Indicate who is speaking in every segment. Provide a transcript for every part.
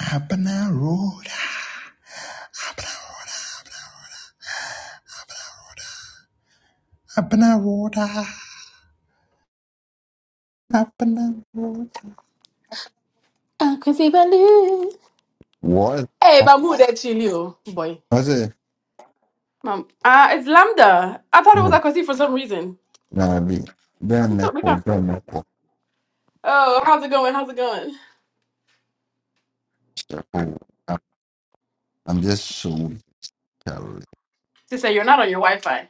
Speaker 1: Abner Road. Abner Road. Abner Road.
Speaker 2: Cause he
Speaker 1: What?
Speaker 2: Hey, but who that chili, oh boy.
Speaker 1: I say,
Speaker 2: Mom, uh, it's Lambda. I thought it was
Speaker 1: no,
Speaker 2: Akosi for some reason.
Speaker 1: nah, be very
Speaker 2: What's up,
Speaker 1: network,
Speaker 2: Mika?
Speaker 1: very network.
Speaker 2: Oh, how's it going? How's it going?
Speaker 1: Oh, I'm I'm just so weak, Charlie.
Speaker 2: She said you're not on your Wi-Fi.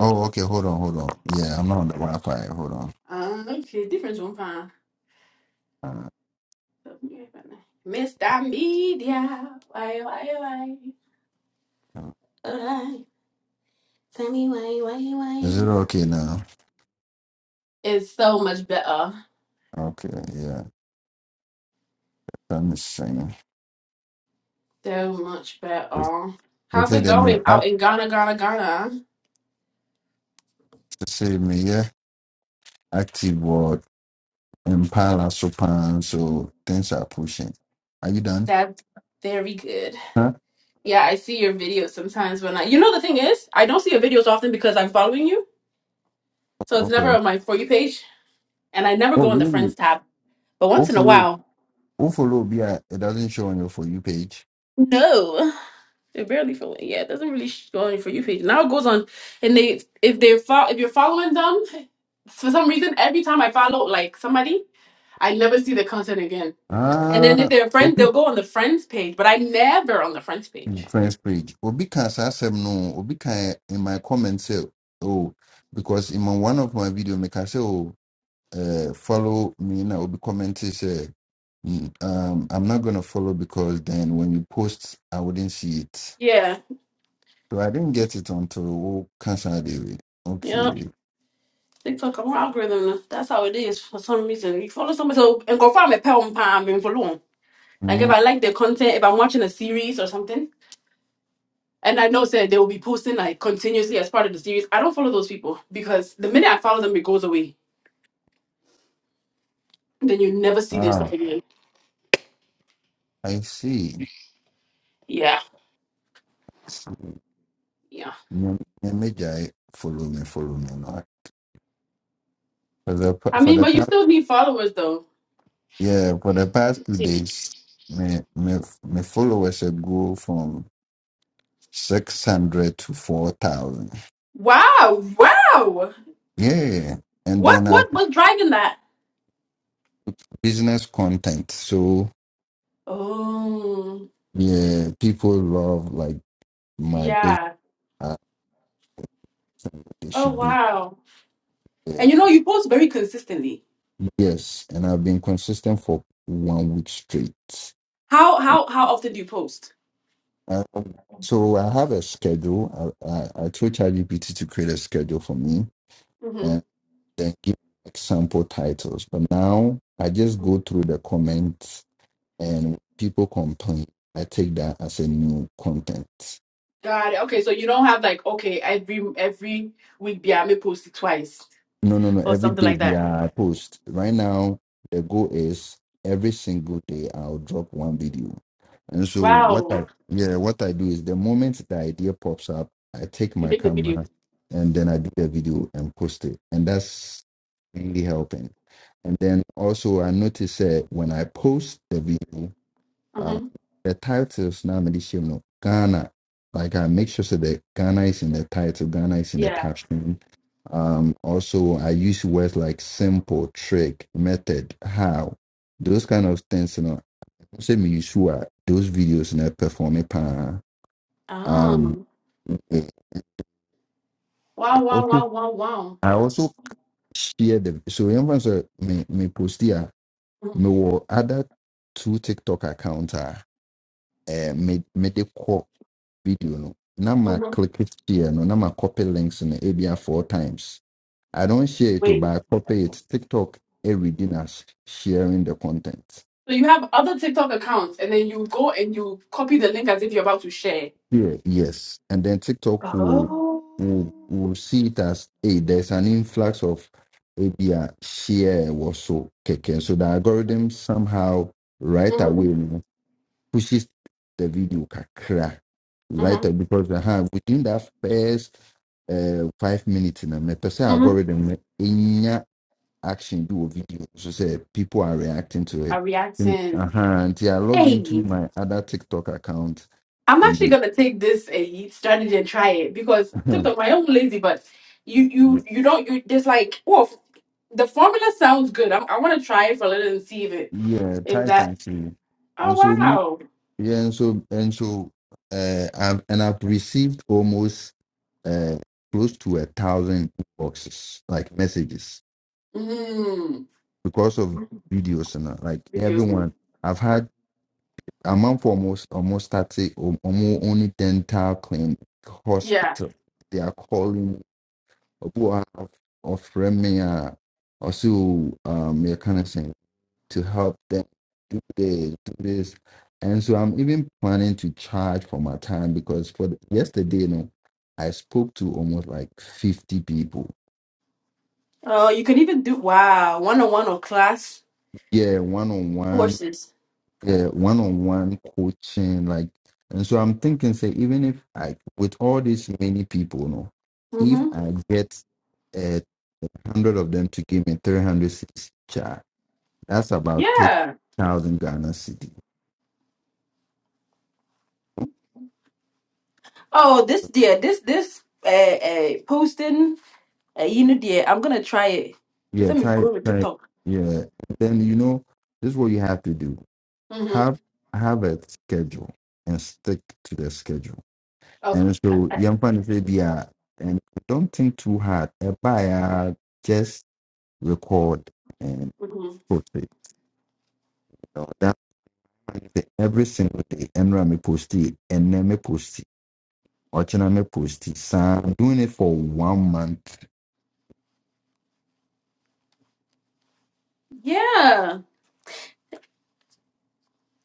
Speaker 1: Oh, okay, hold on, hold on. Yeah, I'm not on the Wi Fi. Hold
Speaker 2: Um, okay, different one, fine.
Speaker 1: on.
Speaker 2: Mr. Media, why, why, why?
Speaker 1: Uh,
Speaker 2: Alright, tell me why, why,
Speaker 1: is it
Speaker 2: why?
Speaker 1: okay now?
Speaker 2: It's so much better.
Speaker 1: Okay, yeah. I'm just saying.
Speaker 2: So much
Speaker 1: They
Speaker 2: better. How's
Speaker 1: say
Speaker 2: it
Speaker 1: they may
Speaker 2: going
Speaker 1: act
Speaker 2: out in Ghana, Ghana, Ghana?
Speaker 1: to say me, yeah, active word, impala, so so things are pushing. Are you done?
Speaker 2: That's very good.
Speaker 1: Huh?
Speaker 2: Yeah, I see your videos sometimes when I, you know, the thing is, I don't see your videos often because I'm following you. So it's never
Speaker 1: Okay.
Speaker 2: on my For You page. And I never
Speaker 1: Oh,
Speaker 2: go on the
Speaker 1: really?
Speaker 2: Friends tab. But
Speaker 1: Who
Speaker 2: once in a
Speaker 1: follow?
Speaker 2: while,
Speaker 1: Who follow? Be it doesn't show on your for you page.
Speaker 2: no. They're barely following. Yeah, it doesn't really sh- go on your For You page. Now it goes on. And they, if they're, fo- if you're following them, for some reason, every time I follow like somebody, I never see the content again. And then if
Speaker 1: Ah,
Speaker 2: they're friends,
Speaker 1: Obi
Speaker 2: they'll go on the Friends page. But I never on the Friends page.
Speaker 1: mm, friends page. Obi can say some no. Obi can in my comments say oh because in my, one of my video me can say oh uh, follow me now. Obi comment say "Mm, um I'm not gonna follow because then when you post I wouldn't see it.
Speaker 2: Yeah.
Speaker 1: So I didn't get it until oh, cancel the way. Okay.
Speaker 2: TikTok har algorithm. That's how it is for some reason. You follow somebody so and confirm a pound pound and follow on. Like if
Speaker 1: Mm,
Speaker 2: I like their content, if I'm watching a series or something, and I know say they will be posting like continuously as part of the series, I don't follow those people because the minute I follow them, it goes away. Then you never see their stuff
Speaker 1: ah,
Speaker 2: again.
Speaker 1: I see.
Speaker 2: Yeah, yeah.
Speaker 1: Me Mejai follow me, follow me. No? For the pa-
Speaker 2: I
Speaker 1: for
Speaker 2: mean,
Speaker 1: the
Speaker 2: but you
Speaker 1: past
Speaker 2: still need followers though.
Speaker 1: yeah, for the past two
Speaker 2: Let's see.
Speaker 1: days, my my my followers have grow from six hundred to four thousand.
Speaker 2: Wow, wow.
Speaker 1: Yeah, and
Speaker 2: What
Speaker 1: then I have
Speaker 2: what was driving that?
Speaker 1: business content. So
Speaker 2: Oh,
Speaker 1: yeah, people love like my business.
Speaker 2: yeah.
Speaker 1: uh, They
Speaker 2: Oh
Speaker 1: should do
Speaker 2: wow.
Speaker 1: yeah.
Speaker 2: And you know, you post very consistently.
Speaker 1: yes, and I've been consistent for one week straight.
Speaker 2: How how how often do you post?
Speaker 1: Um, so I have a schedule. I, I, I told ChatGPT to create a schedule for me and
Speaker 2: Mm-hmm.
Speaker 1: then give example titles. But now I just go through the comments and people complain. I take that as a new content.
Speaker 2: Got it. Okay, so you don't have like okay every every week. Yeah, may post it twice
Speaker 1: No, no, no.
Speaker 2: or
Speaker 1: Every
Speaker 2: something
Speaker 1: day
Speaker 2: like
Speaker 1: we
Speaker 2: that.
Speaker 1: are post. Right now, the goal is every single day I'll drop one video. And so what
Speaker 2: Wow,
Speaker 1: I yeah, what I do is the moment the idea pops up, I take
Speaker 2: you
Speaker 1: my
Speaker 2: make the video.
Speaker 1: camera and then I do the video and post it. And that's mainly helping. And then also I noticed that when I post the video, uh,
Speaker 2: Mm-hmm.
Speaker 1: the titles now you know Ghana. Like I make sure so that Ghana is in the title, Ghana is in the
Speaker 2: Yeah.
Speaker 1: caption. Um, also I use words like simple, trick, method, how, those kind of things. You know, say me sure those videos in perform it. Um,
Speaker 2: Um.
Speaker 1: I
Speaker 2: Wow. Wow.
Speaker 1: also
Speaker 2: Wow. Wow. Wow.
Speaker 1: I also share the so everyone me me post here.
Speaker 2: Mm-hmm.
Speaker 1: mewɔ other two tiktok account a eh, me- mede kɔ video no na ma
Speaker 2: Mm-hmm.
Speaker 1: click it share no na ma copy links no ebia four times i don't share it o
Speaker 2: Wait.
Speaker 1: but i copy it tiktok everything as sharing the content
Speaker 2: So you have other TikTok accounts, and then you go and you copy the link as if you're about to share.
Speaker 1: yeah yes and then tiktok will
Speaker 2: Oh.
Speaker 1: will, will see it as hey there's an influx of ebia share or so keke so the algorithm somehow right
Speaker 2: Mm-hmm.
Speaker 1: away pushes the video kakra right
Speaker 2: Mm-hmm.
Speaker 1: away because uh, within that first uh, five minutes na mepɛ sɛ
Speaker 2: Mm-hmm.
Speaker 1: algorithm no ɛnya action bi wɔ video no so say people are reacting to it
Speaker 2: A
Speaker 1: Then,
Speaker 2: reaction.
Speaker 1: uh-huh, until I log into
Speaker 2: Hey.
Speaker 1: my other TikTok account
Speaker 2: I'm
Speaker 1: and
Speaker 2: actually
Speaker 1: then
Speaker 2: gonna take this a strategy and try it because TikTok, my own lazy, but you
Speaker 1: yeah,
Speaker 2: you you don't you there's like oh the formula sounds good. I'm, I want to try it for a little and see if it
Speaker 1: yeah, try
Speaker 2: if
Speaker 1: it
Speaker 2: that.
Speaker 1: and see.
Speaker 2: Oh
Speaker 1: And so me
Speaker 2: wow,
Speaker 1: yeah and so and so uh I've, and I've received almost uh close to a thousand boxes like messages
Speaker 2: mm,
Speaker 1: because of videos and uh, like
Speaker 2: videos. no.
Speaker 1: everyone I've had I'm for almost almost started almost only dental clinic
Speaker 2: Yeah.
Speaker 1: hospital. They are calling or offering me uh, also um your kind of thing to help them do this, do this. And so I'm even planning to charge for my time because for the, yesterday, you know, I spoke to almost like 50 people.
Speaker 2: Oh, you can even do wow one on one or class
Speaker 1: Yeah, one on one
Speaker 2: courses.
Speaker 1: yeah, one-on-one coaching, like, and so I'm thinking, say, even if I, with all these many people, no, if
Speaker 2: Mm-hmm.
Speaker 1: I get a hundred of them to give me 300 cedis each, ah, that's about
Speaker 2: Yeah.
Speaker 1: 30,000 Ghana cedi.
Speaker 2: Oh, this dear, this this uh, uh posting uh, you know dear, I'm gonna try it. But
Speaker 1: Yeah,
Speaker 2: let me
Speaker 1: try,
Speaker 2: go with
Speaker 1: try,
Speaker 2: TikTok.
Speaker 1: yeah. Then you know, this is what you have to do:
Speaker 2: Mm-hmm.
Speaker 1: have have a schedule and stick to the schedule. And so,
Speaker 2: Okay.
Speaker 1: young fan say, yeah, and don't think too hard. A buyer just record and post it. So that every single day, Emra me post it, Enne me post it, Ochina me post it. So I'm doing it for one month.
Speaker 2: Yeah.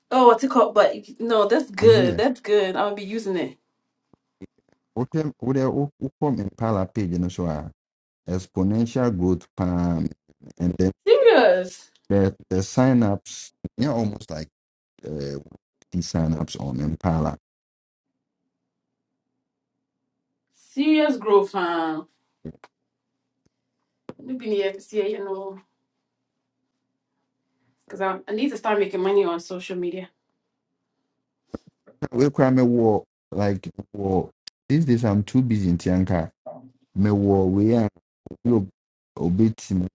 Speaker 2: Oh, what's it called? But no, that's
Speaker 1: I'm
Speaker 2: good.
Speaker 1: here.
Speaker 2: That's good. I'll be using it.
Speaker 1: Okay, what they come in Pala page and so ah, exponential growth palm and then
Speaker 2: Serious.
Speaker 1: the, the sign ups, yeah, almost like. uh, these sign-ups on Impala.
Speaker 2: Serious growth, huh? We've been here this year, you know, because I, I need to start making money on social media.
Speaker 1: We cry me war like war. These days I'm too busy in Tianka. Me war we are obetim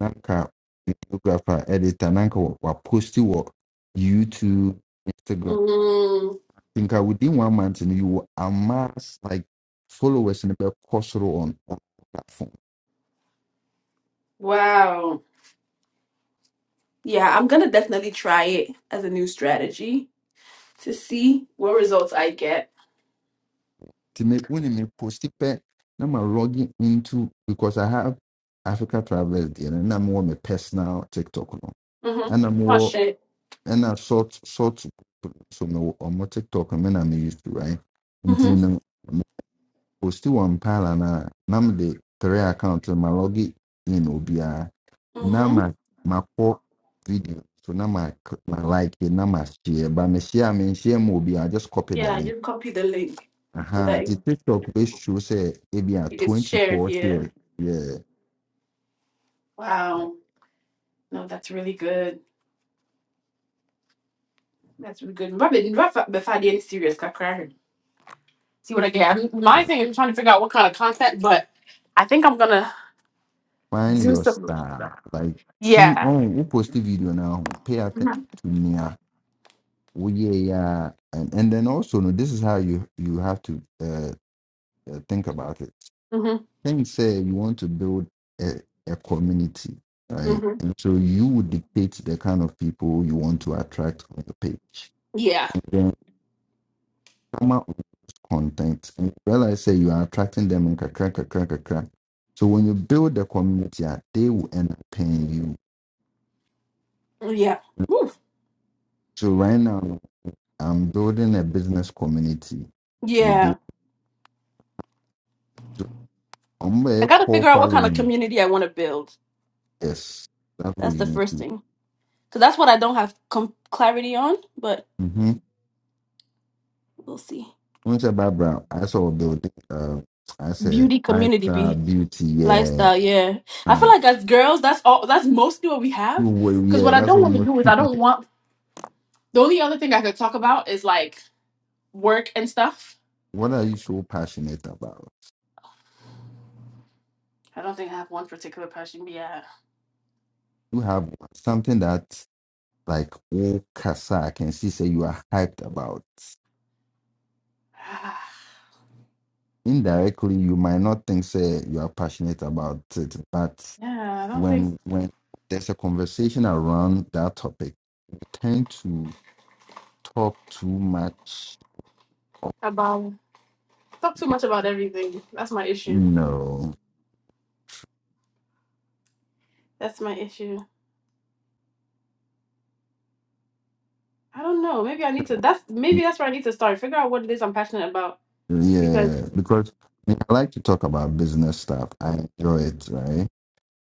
Speaker 1: nanka videographer editor nanka wa posti wa post it YouTube Instagram.
Speaker 2: Mm,
Speaker 1: think I within one month and you will amass like followers in the course on all platform.
Speaker 2: wow. Yeah, I'm gonna definitely try it as a new strategy to see what results I get.
Speaker 1: To me, when me post it back, now I'm logging into because I have Africa Travelers there and I'm more my personal TikTok no.
Speaker 2: Mm-hmm.
Speaker 1: And I'm
Speaker 2: Oh
Speaker 1: more
Speaker 2: shit.
Speaker 1: and I short short so no on more TikTok and then I'm used to right.
Speaker 2: Mm-hmm.
Speaker 1: posti one Mpala no a na mede three account no ma logi in obia. na
Speaker 2: Mm-hmm.
Speaker 1: ma ma makɔ video so na ma ma like it na ma share ba me share me share ma obiara just copy the
Speaker 2: Yeah, you
Speaker 1: link
Speaker 2: can copy the link so
Speaker 1: aha
Speaker 2: that it-
Speaker 1: the tiktok bɛsuro sɛ be
Speaker 2: it's shared.
Speaker 1: 24
Speaker 2: Yeah.
Speaker 1: here yeah, yeah,
Speaker 2: Wow. No, that's really good. That's really good. My bad. My fa- my father is serious. I cry. See what I get. I mean, My
Speaker 1: yeah.
Speaker 2: thing is trying to figure out what kind of content, but I think I'm gonna
Speaker 1: find
Speaker 2: do
Speaker 1: your
Speaker 2: some.
Speaker 1: style like see
Speaker 2: Yeah.
Speaker 1: ɔn post the video now, pay attention to nea yeah, yeah, and, and then also no this is how you you have to uh, uh, think about it
Speaker 2: hmm
Speaker 1: think say you want to build a, a community, right?
Speaker 2: hmm
Speaker 1: And so you would dictate the kind of people you want to attract on your page.
Speaker 2: Yeah.
Speaker 1: Then come out with content and you realize say you are attracting them in kakra kakra kakra. So when you build the community, ah, they will end up paying you.
Speaker 2: Yeah. Ooh.
Speaker 1: So right now, I'm building a business community within.
Speaker 2: Yeah.
Speaker 1: So I'm
Speaker 2: I
Speaker 1: a
Speaker 2: gotta
Speaker 1: core
Speaker 2: figure out what kind of
Speaker 1: following.
Speaker 2: community I want to build.
Speaker 1: Yes, that's what
Speaker 2: That's
Speaker 1: you
Speaker 2: the
Speaker 1: need to.
Speaker 2: first
Speaker 1: do.
Speaker 2: thing. Cause that's what I don't have com- clarity on, but
Speaker 1: Mm-hmm.
Speaker 2: we'll see.
Speaker 1: I'm saying background. I saw a building. Uh, I said
Speaker 2: Beauty
Speaker 1: five
Speaker 2: community
Speaker 1: star
Speaker 2: be
Speaker 1: beauty. Yeah,
Speaker 2: lifestyle. Yeah. I feel
Speaker 1: uh,
Speaker 2: like as girls, that's all. That's mostly what we have.
Speaker 1: you were.
Speaker 2: Cause
Speaker 1: Yeah,
Speaker 2: what I
Speaker 1: that's
Speaker 2: don't
Speaker 1: what.
Speaker 2: want to
Speaker 1: Most,
Speaker 2: do is I don't want The only other thing I could talk about is like work and stuff.
Speaker 1: what are you so passionate about?
Speaker 2: I don't think I have one particular passion. But yeah,
Speaker 1: You have something that like oh, Kasa I can see. Say you are hyped about. Indirectly, you might not think say you are passionate about it, but
Speaker 2: yeah, I don't think
Speaker 1: when when there's a conversation around that topic, we tend to talk too much.
Speaker 2: about talk too much about everything. That's my issue.
Speaker 1: No
Speaker 2: That's my issue. I don't know. Maybe I need to. That's maybe that's where I need to start. Figure out what it is I'm passionate about because
Speaker 1: Yeah, because I, mean, I like to talk about business stuff. I enjoy it, right?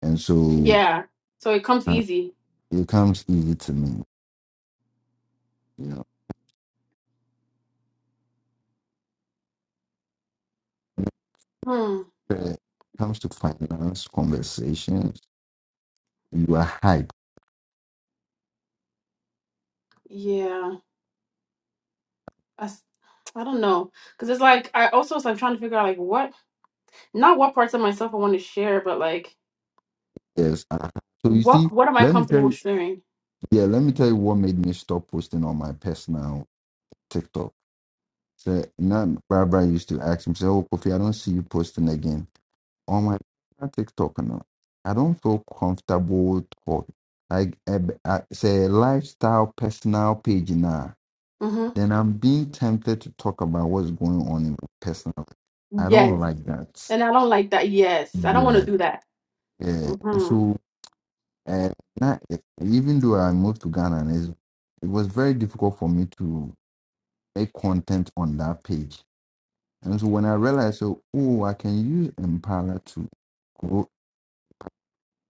Speaker 1: And so
Speaker 2: yeah, so it comes
Speaker 1: uh,
Speaker 2: easy.
Speaker 1: it comes easy to me, you know.
Speaker 2: Hmm.
Speaker 1: When it comes to finance conversations, you are hyped.
Speaker 2: Yeah. That's, I don't know because it's like I also so I'm trying to figure out like what not what parts of myself I want to share, but like
Speaker 1: Yes. uh So you
Speaker 2: what
Speaker 1: see,
Speaker 2: what am I
Speaker 1: let me tell
Speaker 2: comfortable with
Speaker 1: you,
Speaker 2: sharing.
Speaker 1: yeah, let me tell you what made me stop posting on my personal TikTok. So now Barbara used to ask me, say, "Oh, Kofi, I don't see you posting again." on my personal TikTok now. I don't feel comfortable talk like eh, b- I say a lifestyle personal page now.
Speaker 2: Mm-hmm.
Speaker 1: Then I'm being tempted to talk about what's going on in my personal. life. I don't
Speaker 2: Yes.
Speaker 1: like that.
Speaker 2: And I don't like that. Yes. I don't want to
Speaker 1: Yeah,
Speaker 2: do that.
Speaker 1: yeah.
Speaker 2: hmm
Speaker 1: So uh, not, eh, even though I moved to Ghana, and it's, it was very difficult for me to make content on that page. And so when I realized, so, oh, I can use Impala to grow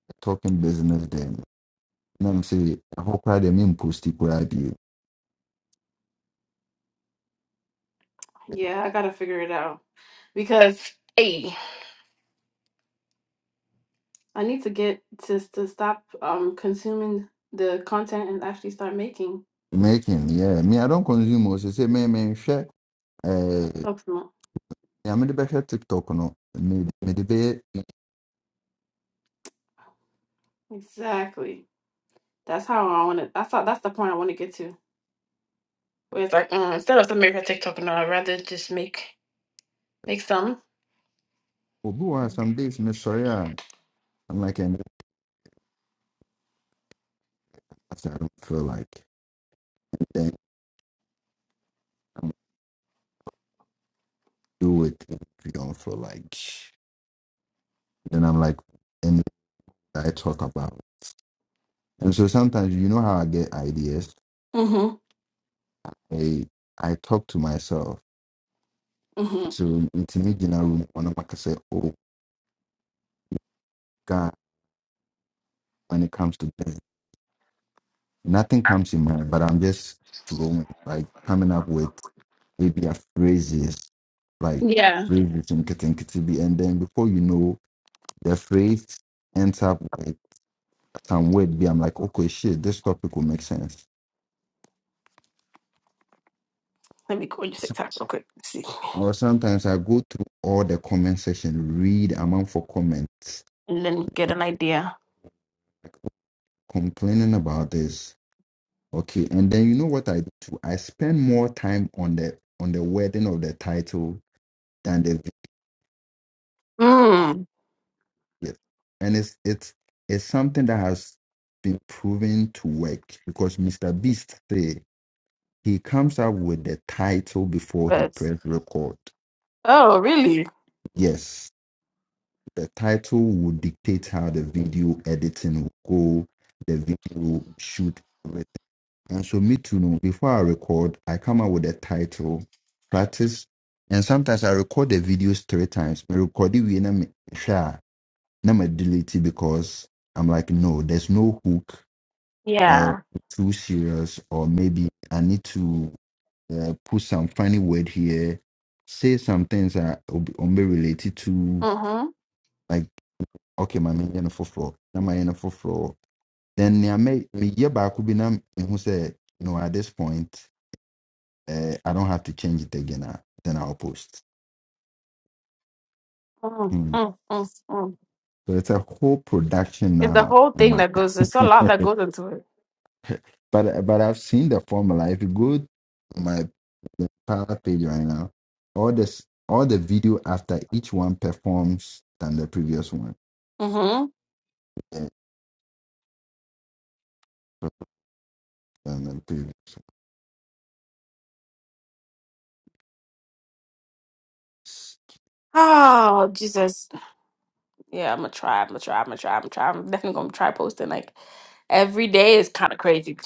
Speaker 1: a talking business there. nam sɛ ɛhɔ koraa deɛ memposti koraa bio
Speaker 2: Yeah, I gotta figure it out. Because hey, I need to get to to stop um consuming the content and actually start making
Speaker 1: making yeah me i don't consume o sɛ sɛ me menhwɛ eh,
Speaker 2: supplement.
Speaker 1: nea mede bɛhwɛ tiktok no me- mede bɛyɛ
Speaker 2: Exactly. That's how I wanna that's how, that's the point I wanna get to. Where it's like mm, instead of making a TikTok no, I'd rather just make make some.
Speaker 1: obi wɔ ha, some days mesɔre a i'm like "Eh, no, i don't feel like eh, do it if you for like. Then I'm like, and I talk about. And so sometimes you know how I get ideas.
Speaker 2: Mm-hmm.
Speaker 1: I I talk to myself.
Speaker 2: Mm-hmm.
Speaker 1: So it's me general when I'm like I say, oh God, when it comes to this, nothing comes in mind, but I'm just flowing, like coming up with maybe a phrases, like
Speaker 2: Yeah.
Speaker 1: phrases and be and then before you know the phrase ends up with some word be I'm like, okay shit, this topic will make sense
Speaker 2: Let me go on your TikTok real quick. Let's see.
Speaker 1: Or sometimes I go through all the comment section, read among for comments
Speaker 2: And then get an idea.
Speaker 1: like, complaining about this. Okay, and then you know what I do too? I spend more time on the on the wording of the title than the
Speaker 2: Mm.
Speaker 1: video. And it's it's it's something that has been proven to work because Mr. Beast say he comes up with the title before he
Speaker 2: But
Speaker 1: press record.
Speaker 2: oh really?
Speaker 1: Yes. the title will dictate how the video editing will go, the video shoot, everything. And so, me too, no, before I record, I come up with a title, practice, and sometimes I record the videos three times. I record it with me share, not me delete it because I'm like, no, there's no hook, uh,
Speaker 2: Yeah.
Speaker 1: too serious, or maybe I need to uh, put some funny word here, say some things that will be will be related to.
Speaker 2: Mm-hmm.
Speaker 1: like okay my menyɛ no foforɔ na mayɛ no foforɔ then nea mɛ- meyɛ baako bi na mehu sɛ no at this point uh, i don't have to change it again a, then i'll post
Speaker 2: Mm,
Speaker 1: Hmm.
Speaker 2: mm, mm, mm.
Speaker 1: so it's a whole production
Speaker 2: It's the
Speaker 1: now
Speaker 2: whole thing
Speaker 1: Ama.
Speaker 2: that goes. It's a lot that goes into it.
Speaker 1: but but i've seen the formula if you go to my power page right now all this all the video after each one performs than the previous one
Speaker 2: Mm-hmm.
Speaker 1: eh, than the previous
Speaker 2: Oh Jesus. Yeah, I'm gonna try. I'm gonna try. I'm gonna try. I'm gonna try. I'm definitely gonna try posting. Like every day is kind of crazy,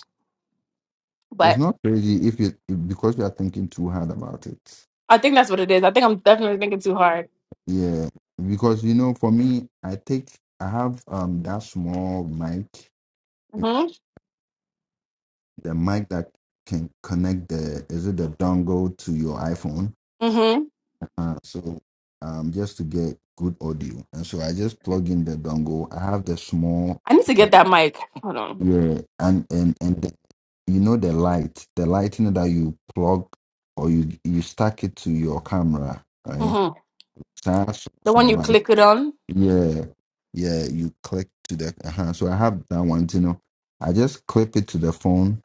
Speaker 1: it's
Speaker 2: but
Speaker 1: not crazy if you because you are thinking too hard about it
Speaker 2: I think that's what it is. I think I'm definitely thinking too hard.
Speaker 1: Yeah, because you know, for me, I take I have um that small mic,
Speaker 2: Mm-hmm.
Speaker 1: the mic that can connect the is it the dongle to your iPhone.
Speaker 2: Mm-hmm.
Speaker 1: Uh, so um just to get good audio, and so I just plug in the dongle. I have the small
Speaker 2: I need to get that mic. Hold on.
Speaker 1: yeah, and and and the, you know the light, the lighting that you plug or you you stack it to your camera, right?
Speaker 2: Mm-hmm.
Speaker 1: So that's
Speaker 2: The one
Speaker 1: small
Speaker 2: you
Speaker 1: light.
Speaker 2: click it on.
Speaker 1: Yeah, yeah, you click to the uh So I have that one, you know. I just clip it to the phone,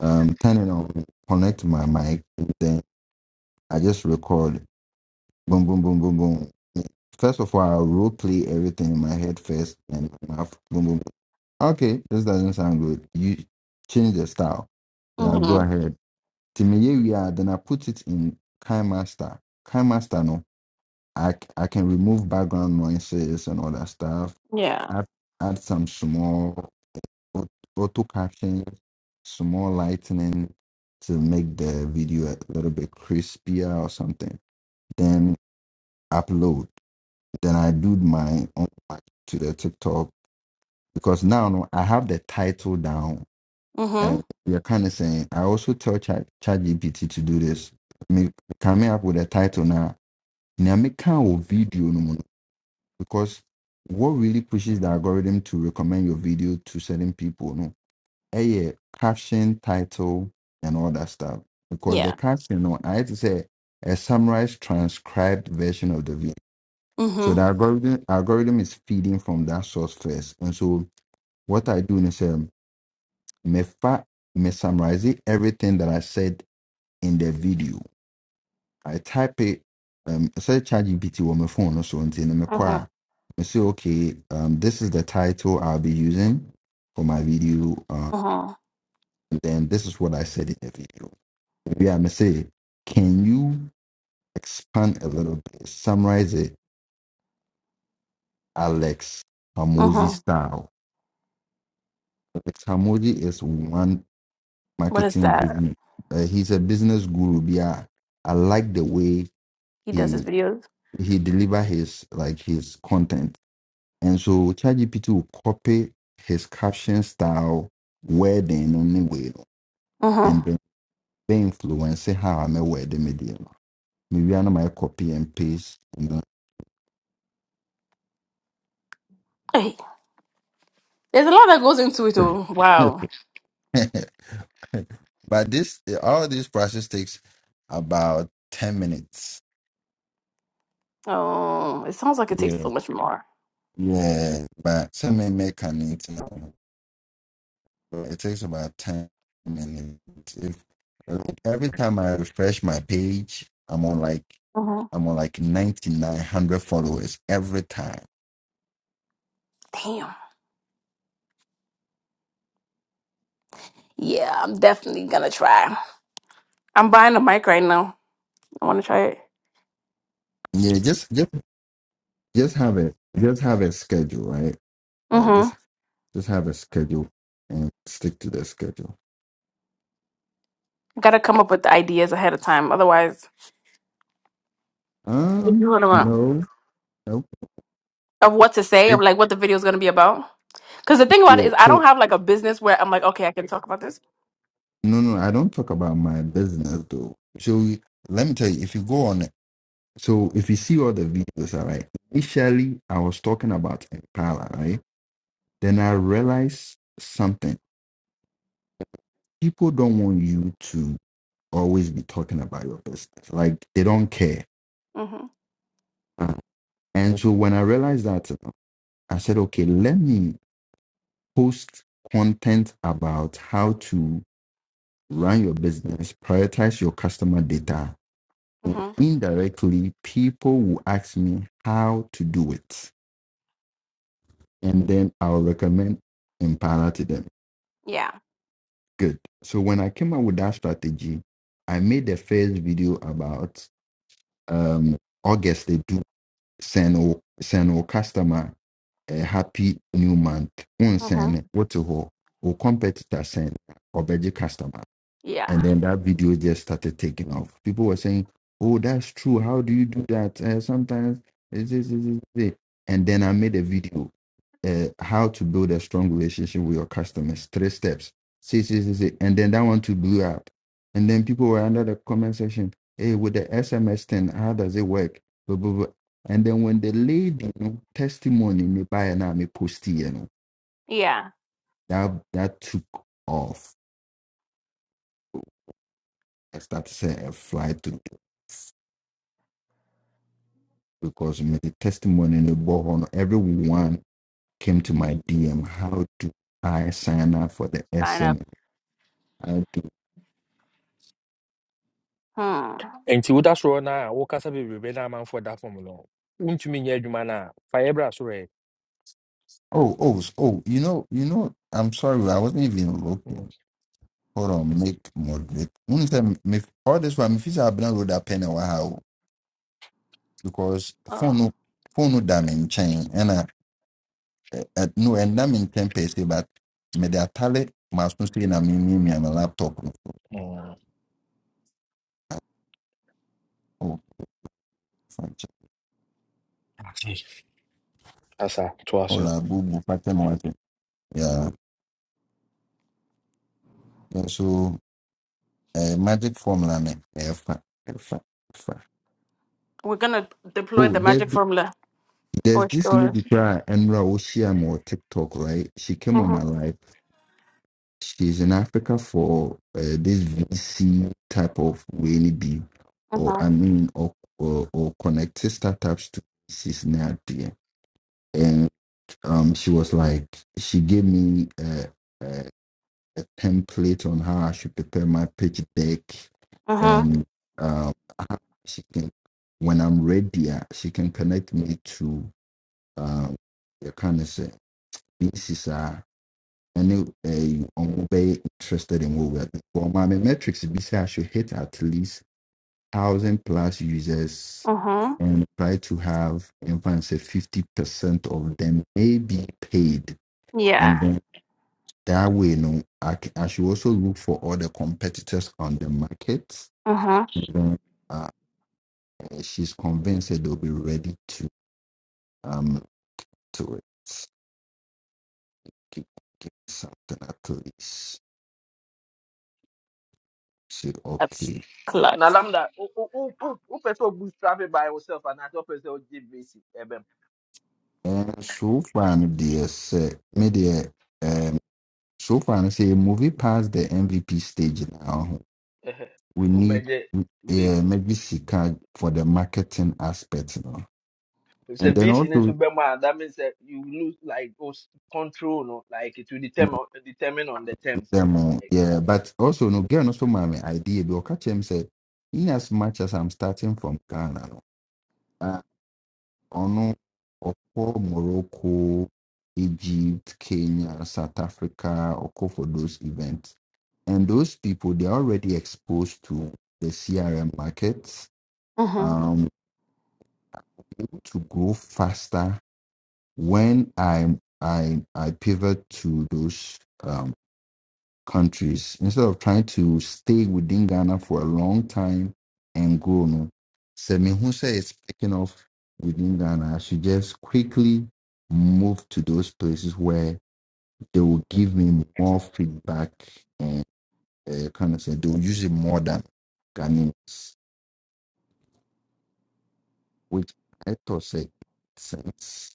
Speaker 1: um, turn it on, connect my mic, and then I just record. Boom, boom, boom, boom, boom. First of all, I'll role play everything in my head first, and my mouth, boom, boom, boom. Okay, this doesn't sound good. You change the style. Then I'll go
Speaker 2: Mm-hmm.
Speaker 1: ahead. Timiye we are, then I put it in KineMaster. KineMaster, no, I, c- I can remove background noises and all that stuff
Speaker 2: Yeah.
Speaker 1: add add some small au- auto caption, small lightning to make the video a little bit crispier or something. Then upload. Then I do my own one to the TikTok because now no, I have the title down.
Speaker 2: Mm-hmm.
Speaker 1: And you're kind of saying I also tell Chat ChatGPT to do this. Me coming up with a title now. Now me can't video no more because what really pushes the algorithm to recommend your video to certain people no a caption title and all that stuff because the
Speaker 2: Yeah.
Speaker 1: caption no, I had to say a summarized transcribed version of the video. So
Speaker 2: Mm-hmm.
Speaker 1: the algorithm algorithm is feeding from that source first, and so what I do is um me fa me summarize it, everything that I said in the video. I type it um say ChatGPT on my phone or something, and me
Speaker 2: Mm-hmm.
Speaker 1: qua me say okay um this is the title I'll be using for my video, um,
Speaker 2: Mm-hmm.
Speaker 1: and then this is what I said in the video Yeah, I me say, can you expand a little bit? Summarize it, Alex Hamosi
Speaker 2: Mm-hmm.
Speaker 1: style. Alex Hamosi is one
Speaker 2: What is
Speaker 1: marketing
Speaker 2: that?
Speaker 1: business. Uh, he's a business guru. Yeah, I like the way
Speaker 2: He does
Speaker 1: he
Speaker 2: his videos.
Speaker 1: he deliver his like his content, and so ChatGPT will copy his caption style, wording only way, and
Speaker 2: Mm-hmm.
Speaker 1: then the influence how I'm a word media. Maybe I know my copy and paste. You
Speaker 2: There's a lot that goes into it, though. Wow.
Speaker 1: know? But this, all this process takes about 10 minutes.
Speaker 2: Oh, it sounds like it takes so
Speaker 1: Yeah.
Speaker 2: much more.
Speaker 1: Yeah. But some mechanics, you know, so it takes about 10 minutes. If like, every time I refresh my page, I'm on like,
Speaker 2: hmm
Speaker 1: I'm on like 9,900 followers every time.
Speaker 2: Damn. Yeah, I'm definitely gonna try. I'm buying a mic right now. I want to try it.
Speaker 1: Yeah. Just, just, just have a Just have a schedule, right? Uh,
Speaker 2: Mm-hmm.
Speaker 1: just, just have a schedule and stick to the schedule.
Speaker 2: Gotta come up with the ideas ahead of time, otherwise, if you
Speaker 1: Um,
Speaker 2: want to
Speaker 1: no, nope.
Speaker 2: of what to say, of
Speaker 1: It,
Speaker 2: like what the video is gonna be about. Because the thing about it
Speaker 1: yeah.
Speaker 2: is, I don't have like a business where I'm like, okay, I can talk about this.
Speaker 1: No, no, I don't talk about my business though. So you- let me tell you, if you go on, so if you see all the videos, all right. Initially, I was talking about Impala, right? Then I realized something. People don't want you to always be talking about your business. Like they don't care.
Speaker 2: Mm-hmm.
Speaker 1: Uh. And so when I realized that, you I said, okay, let me post content about how to run your business, prioritize your customer data,
Speaker 2: Mm-hmm.
Speaker 1: indirectly, people will ask me how to do it. And then I'll recommend Impala to them.
Speaker 2: Yeah.
Speaker 1: Good. So when I came up with that strategy, I made the first video about um, August, they do send our, send our customer a happy new month.
Speaker 2: Mm-hmm.
Speaker 1: Unsend, what to hold, or competitor send, or budget customer. and
Speaker 2: Yeah.
Speaker 1: then that video just started taking off. People were saying, "Oh, that's true. How do you do that?" Uh, sometimes it's this, this, this, this." And then I made a video, uh, how to build a strong relationship with your customers. Three steps. See, see, see, see. And then that one too blew up. And then people were under the comment section, "Hey, with the SMS thing, how does it work?" Blah, blah, blah. And then when the lady you know, testimony me buy and I me post it, you know
Speaker 2: Yeah.
Speaker 1: that that took off. I started to say a fly through. because my testimony in the borehole, everyone came to my DM. How do I sign up for the
Speaker 2: Sign
Speaker 1: SM?
Speaker 2: up.
Speaker 1: How do
Speaker 2: Hmm.
Speaker 3: Enti woda soro no a wokasa bebrebe na amanfoɔ da fam no wontumi nyɛ adwuma no a fa yɛ brɛ soro
Speaker 1: oh oh oh you know you know I'm sorry I wasn't even looking. Hold on, make moderate. One time, me all this one, me feel I've been road up in a while because phone
Speaker 2: Oh.
Speaker 1: no phone no damn in chain and I uh, no and I'm in ten pace but me the atale must not say na me me me my laptop. no. Oh, fine.
Speaker 3: ɛ asa toa so
Speaker 1: Hola, boo boo, pattern Yeah. So uh, magic formula man. Fa, fa, fa.
Speaker 2: We're gonna deploy
Speaker 1: Oh,
Speaker 2: the
Speaker 1: there's
Speaker 2: magic
Speaker 1: th-
Speaker 2: formula
Speaker 1: there's
Speaker 2: for
Speaker 1: this
Speaker 2: sure.
Speaker 1: lady cry and Raoshia or TikTok, right? She came on my
Speaker 2: Mm-hmm.
Speaker 1: life. She's in Africa for uh, this VC type of way be or
Speaker 2: Mm-hmm.
Speaker 1: I mean or or, or connect startups to she's not there. And um she was like she gave me uh, a template on how I should prepare my pitch deck
Speaker 2: Mm-hmm.
Speaker 1: and uh, how she can when I'm ready, uh, she can connect me to um the kind of say this is uh any uh I'm very interested in what we're doing. For my metrics it be say I should hit at least thousand plus users
Speaker 2: Mm-hmm.
Speaker 1: and try to have in fact say fifty percent of them may be paid.
Speaker 2: Yeah.
Speaker 1: and then. That way, you know, I, c- I should also look for all the competitors on the market.
Speaker 2: Mm-hmm.
Speaker 1: And then uh, she's convinced that they'll be ready to um to it. Keep, keep something at least. Say
Speaker 2: That's
Speaker 1: okay.
Speaker 4: na
Speaker 2: clutch.
Speaker 4: lambda who who who who person will bootstrap it by yourself and another person will give VC ebem
Speaker 1: And so far, no, dear, say, me dear, um, so far, no, say movie past the MVP stage now.
Speaker 4: eh,
Speaker 1: We need
Speaker 4: obeje
Speaker 1: yeah,
Speaker 4: VP.
Speaker 1: maybe she can for the marketing aspect, you know.
Speaker 4: If say
Speaker 1: And then
Speaker 4: VC needs to
Speaker 1: also.
Speaker 4: be man, that means that you lose like those control, no? like it will determine determine on the terms.
Speaker 1: them all.
Speaker 4: Like
Speaker 1: Yeah, but also no girl also my idea because catch him say in as much as I'm starting from Ghana, no, uh, ono oko Morocco, Egypt, Kenya, South Africa, oko for those events, and those people they're already exposed to the CRM markets.
Speaker 2: Mm-hmm,
Speaker 1: um, able to grow faster when I I I pivot to those. um, countries instead of trying to stay within Ghana for a long time and grow. No, so Mehunsa is picking off within Ghana. I should just quickly move to those places where they will give me more feedback and uh, kind of say they will use it more than Ghanaians, which I thought said sense.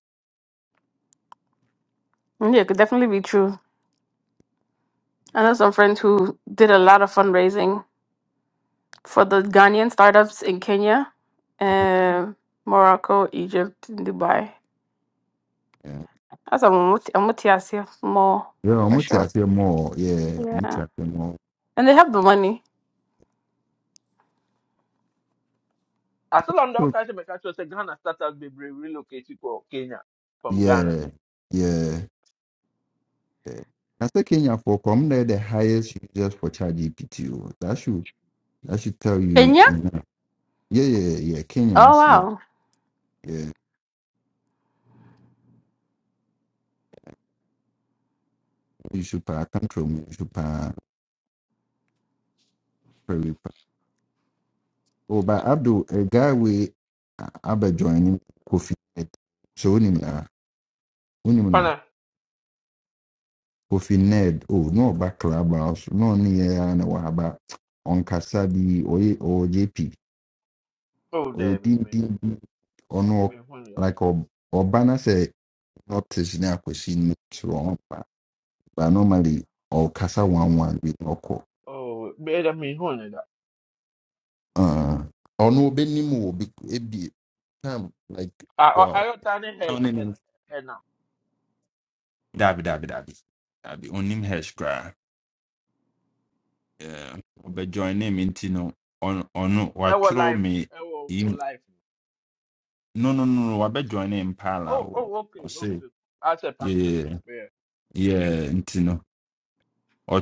Speaker 2: Yeah, it could definitely be true. I know some friends who did a lot of fundraising for the Ghanaian startups in Kenya,
Speaker 1: Uh-huh.
Speaker 2: um, Morocco, Egypt, and Dubai.
Speaker 1: Yeah.
Speaker 2: That's a Mutiasia more
Speaker 1: Yeah, I'm
Speaker 2: for
Speaker 1: gonna
Speaker 2: sure.
Speaker 1: you more. Yeah, I'm gonna
Speaker 2: Yeah.
Speaker 1: you more.
Speaker 2: And they have the money.
Speaker 4: as long as the
Speaker 1: So,
Speaker 4: country make sure say Ghana startups be re- relocate you to go Kenya from Ghana.
Speaker 1: yeah, yeah. yeah. I say Kenya for come there the highest users for chat GPT. oh. That should that should tell you
Speaker 2: Kenya?
Speaker 1: enough. Yeah, yeah, yeah. yeah,
Speaker 2: Oh
Speaker 1: Kenyans, yeah,
Speaker 2: wow.
Speaker 1: yeah. You should pa control you should pa very pa- Oh, but Abdul, a guy we uh, Abba joining Kofi Ned. So unim na unim no
Speaker 4: Pana
Speaker 1: Kofi Ned. Oh, no ba clubhouse. No ni ya na wahaba. On Kasabi or or JP.
Speaker 4: oh
Speaker 1: We
Speaker 4: there me
Speaker 1: didn't ɔ-
Speaker 4: me honey
Speaker 1: like ɔ- ɔba na sɛ notice ne akwasi no kyerɛ ɔba but normally ɔkasa one one with na ɔkɔ
Speaker 4: oh me that me honey that.
Speaker 1: Ah, ɔno ɔbɛnim wɔ bi ebi time like
Speaker 4: I I
Speaker 1: wow
Speaker 4: I turning heads
Speaker 1: ɔne
Speaker 4: and
Speaker 1: ne
Speaker 4: and now.
Speaker 1: dabi dabi dabi dabi onim hash koraa Yeah, ɔbɛjoin ne mi nti no ɔno ɔno
Speaker 4: Our
Speaker 1: watwerɛ
Speaker 4: life,
Speaker 1: me
Speaker 4: our
Speaker 1: im-
Speaker 4: life.
Speaker 1: no no no no wabɛjoin ne Pala.
Speaker 4: Oh,
Speaker 1: o
Speaker 4: oh, okay,
Speaker 1: o say
Speaker 4: okay. I said partner.
Speaker 1: yeah
Speaker 4: Yeah.
Speaker 1: yeah yeah, nti no or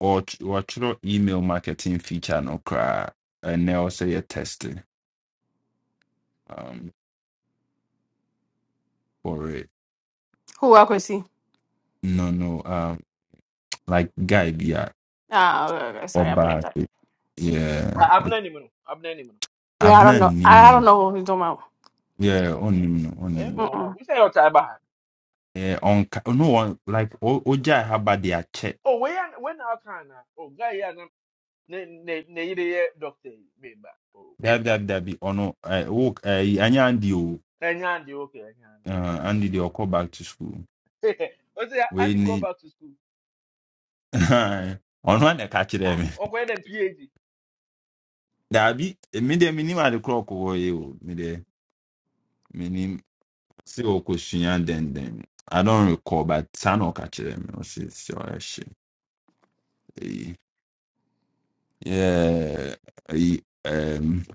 Speaker 1: or ɔtwerɛ email marketing feature no koraa ɛnɛ ɔsɛ yɛ testing um, for it
Speaker 2: Who I could see.
Speaker 1: no no um, like guy be a
Speaker 2: Ah, okay, okay, okay. sorry, I
Speaker 1: ɔbaa
Speaker 2: blinked up.
Speaker 1: se yeah
Speaker 4: I, I'm
Speaker 1: ɔ-
Speaker 4: not even. I'm not even.
Speaker 2: Yeah, I don't
Speaker 1: abena
Speaker 2: know. I, I don't
Speaker 1: no
Speaker 2: know who he's talking about.
Speaker 4: Yeah.
Speaker 1: yeah
Speaker 4: I am
Speaker 1: ɔnnim no
Speaker 4: I
Speaker 1: ɔnnim
Speaker 4: am
Speaker 1: no
Speaker 4: one one.
Speaker 2: Mm-mm.
Speaker 4: We say your time behind.
Speaker 1: yeah on no one like ɔ- ɔgyae haba de akyɛ
Speaker 4: Oh, when when I can now. Oh, guy, yeah, na ne ne ne yeye doctor baby. Oh,
Speaker 1: dabidabidabi ɔno ɛɛ wo ɛɛ anya andi o
Speaker 4: and Andy, okay, and
Speaker 1: ɛɛ andi de ɔkɔ back to school
Speaker 4: Andy. I say
Speaker 1: wei
Speaker 4: Andy go
Speaker 1: ni
Speaker 4: back to school.
Speaker 1: ɔno one ɛka kyerɛɛ
Speaker 4: Ah,
Speaker 1: me
Speaker 4: okay, then PhD.
Speaker 1: Dabi, me de minim ade koro kɔ ye o. Me de minim se o ko sua den I don't recall but san catch them. I me o se se Yeah. Eyi. Um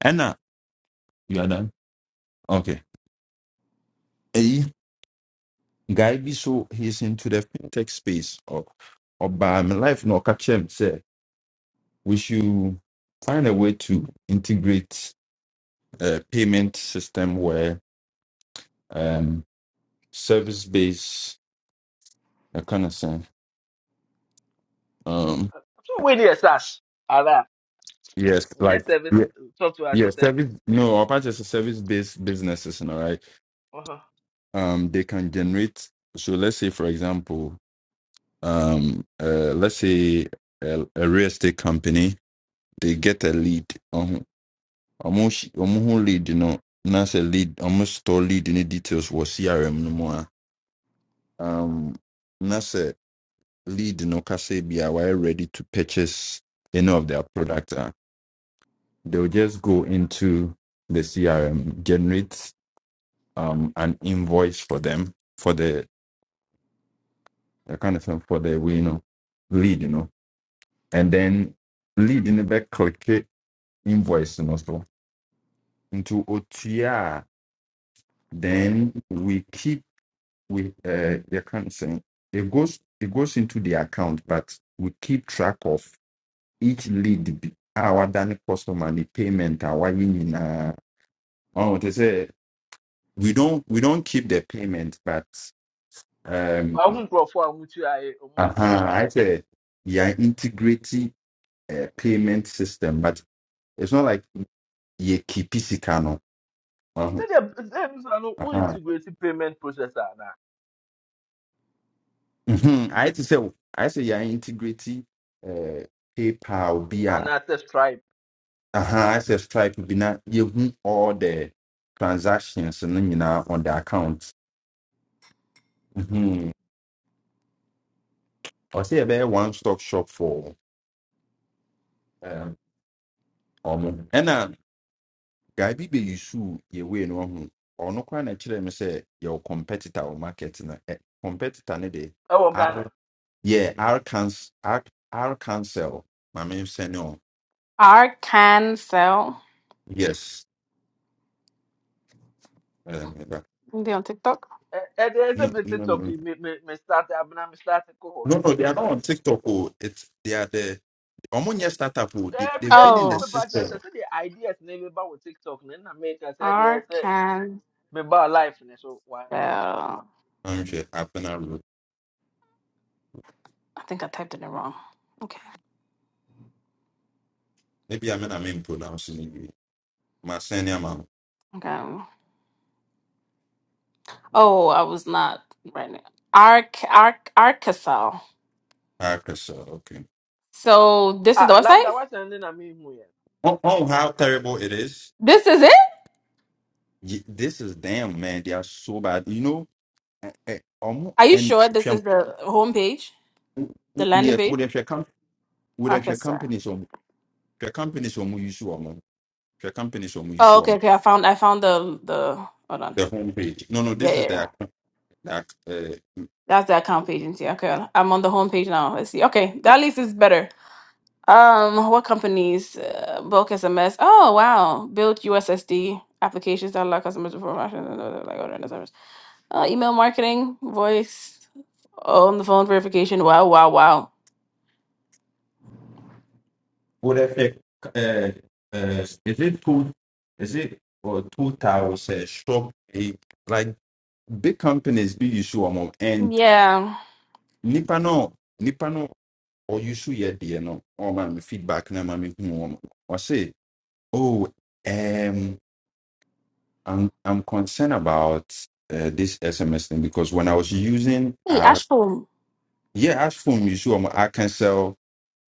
Speaker 1: Anna, you are done. Okay. Eyi guy bi so he's into the fintech space or or by my life no catch him. me say we should find a way to integrate a payment system where um service based I kind of thing.
Speaker 4: So when he starts, ala,
Speaker 1: Yes,
Speaker 4: yes,
Speaker 1: like
Speaker 4: service
Speaker 1: yeah,
Speaker 4: software as
Speaker 1: yeah,
Speaker 4: a service.
Speaker 1: service. No, our part is a service-based businesses, you know, right?
Speaker 4: Uh huh.
Speaker 1: Um, they can generate. So let's say, for example, um, uh, let's say a, a real estate company, they get a lead. Um, almost, almost lead, you know, that's a lead. Almost store lead in the details was CRM no more. Um, that's a lead, you know, Kasebi are ready to purchase any of their products. ah. They'll just go into the CRM, generate. um an invoice for them for the I can't say for the we you know lead you know and then lead in the back click it, invoice you know so into OTR then we keep we uh I can't say it goes it goes into the account but we keep track of each lead be- our done customer the payment our union uh oh they say we don't we don't keep the payment but um.
Speaker 4: I won't go for a mutu I want to.
Speaker 1: Uh-huh. I say you're integrating a payment system, but it's not like you keep sicano. Uh-huh.
Speaker 4: So the them so no
Speaker 1: Uh-huh.
Speaker 4: integrated payment processor na.
Speaker 1: hmm I to say, I say, yeah, integrated uh, PayPal,
Speaker 4: And
Speaker 1: BR.
Speaker 4: that's try.
Speaker 1: Uh-huh. I say, Stripe, be not you hu all the transactions and then you know on the account. Mm-hmm. Or say, a one stop shop for um, almost. guy bi bɛyi suu yɛ wei no ɔho ɔno koraa na kyerɛ me sɛ yɛwɔ competitor or market na Ɛ, competitor no de
Speaker 4: ɛwɔ ghana
Speaker 1: r yeah r cans r r cancel maame sɛne ɔ
Speaker 2: Arkansas.
Speaker 1: yes ɛm,
Speaker 2: They on TikTok?
Speaker 4: Ɛ- ɛde ɛsɛ
Speaker 1: no
Speaker 4: me
Speaker 1: no no
Speaker 4: tiktok
Speaker 1: no
Speaker 4: yi me me me start abena me start kɔ hɔ no
Speaker 1: no no, they are not on tiktok oh it's they are the ɔmo nyɛ startup oh they
Speaker 4: dɛbi
Speaker 1: they've been
Speaker 4: dɛbi
Speaker 1: in
Speaker 4: me
Speaker 1: the
Speaker 2: Oh,
Speaker 4: me ba kyerɛ sɛ
Speaker 1: system
Speaker 4: sɛdeɛ ideas na ebi ba wɔ tiktok no na me kyerɛ sɛ ɛdeɛ sɛ
Speaker 2: Arkansas.
Speaker 4: me ba life ne so one day
Speaker 2: I
Speaker 1: anhwɛ apena road
Speaker 2: think I typed it in wrong. Okay.
Speaker 1: ebi ame na me pronounce ne yie ma sɛne ama
Speaker 2: Okay. Oh, I was not right now. Arc Arc Arkansas.
Speaker 1: r cancel okay
Speaker 2: So this is the
Speaker 4: ah lambda
Speaker 2: website?
Speaker 4: wasan ne na me hu yɛ
Speaker 1: oh, oh how terrible it is
Speaker 2: This is it?
Speaker 1: Ye- this is them, man. They are so bad. You know, eh, eh, omo-
Speaker 2: Are you
Speaker 1: and
Speaker 2: sure this is
Speaker 1: hwɛ
Speaker 2: the homepage? The
Speaker 1: m-
Speaker 2: landing
Speaker 1: yes,
Speaker 2: page?
Speaker 1: with their com with their
Speaker 2: Arkansas.
Speaker 1: companies on their companies on you saw them. Their companies on you
Speaker 2: Oh,
Speaker 1: saw
Speaker 2: okay,
Speaker 1: them.
Speaker 2: okay. I found I found the the hold on.
Speaker 1: Their homepage. No, no,
Speaker 2: Yeah,
Speaker 1: this
Speaker 2: yeah,
Speaker 1: is
Speaker 2: yeah.
Speaker 1: their like uh
Speaker 2: That's the account page. and see. Okay, I'm on the homepage now. Let's see. Okay, that at least is better. Um, what companies? Uh, bulk SMS. Oh wow, build USSD applications that allow customers to perform actions and other, like order and service. Uh, email marketing, voice Oh, on the phone verification. Wow, wow, wow.
Speaker 1: with their uh, uh is it two is it or two towers uh, shop eh, like big companies be you saw them and
Speaker 2: Yeah.
Speaker 1: nipa no nipa no or you saw yet there no or my feedback na mami home. Oh, um, I'm I'm concerned about uh, this SMS thing because when I was using
Speaker 2: Hey,
Speaker 1: our
Speaker 2: Ashful.
Speaker 1: yeah, as for me, so I'm- I can sell.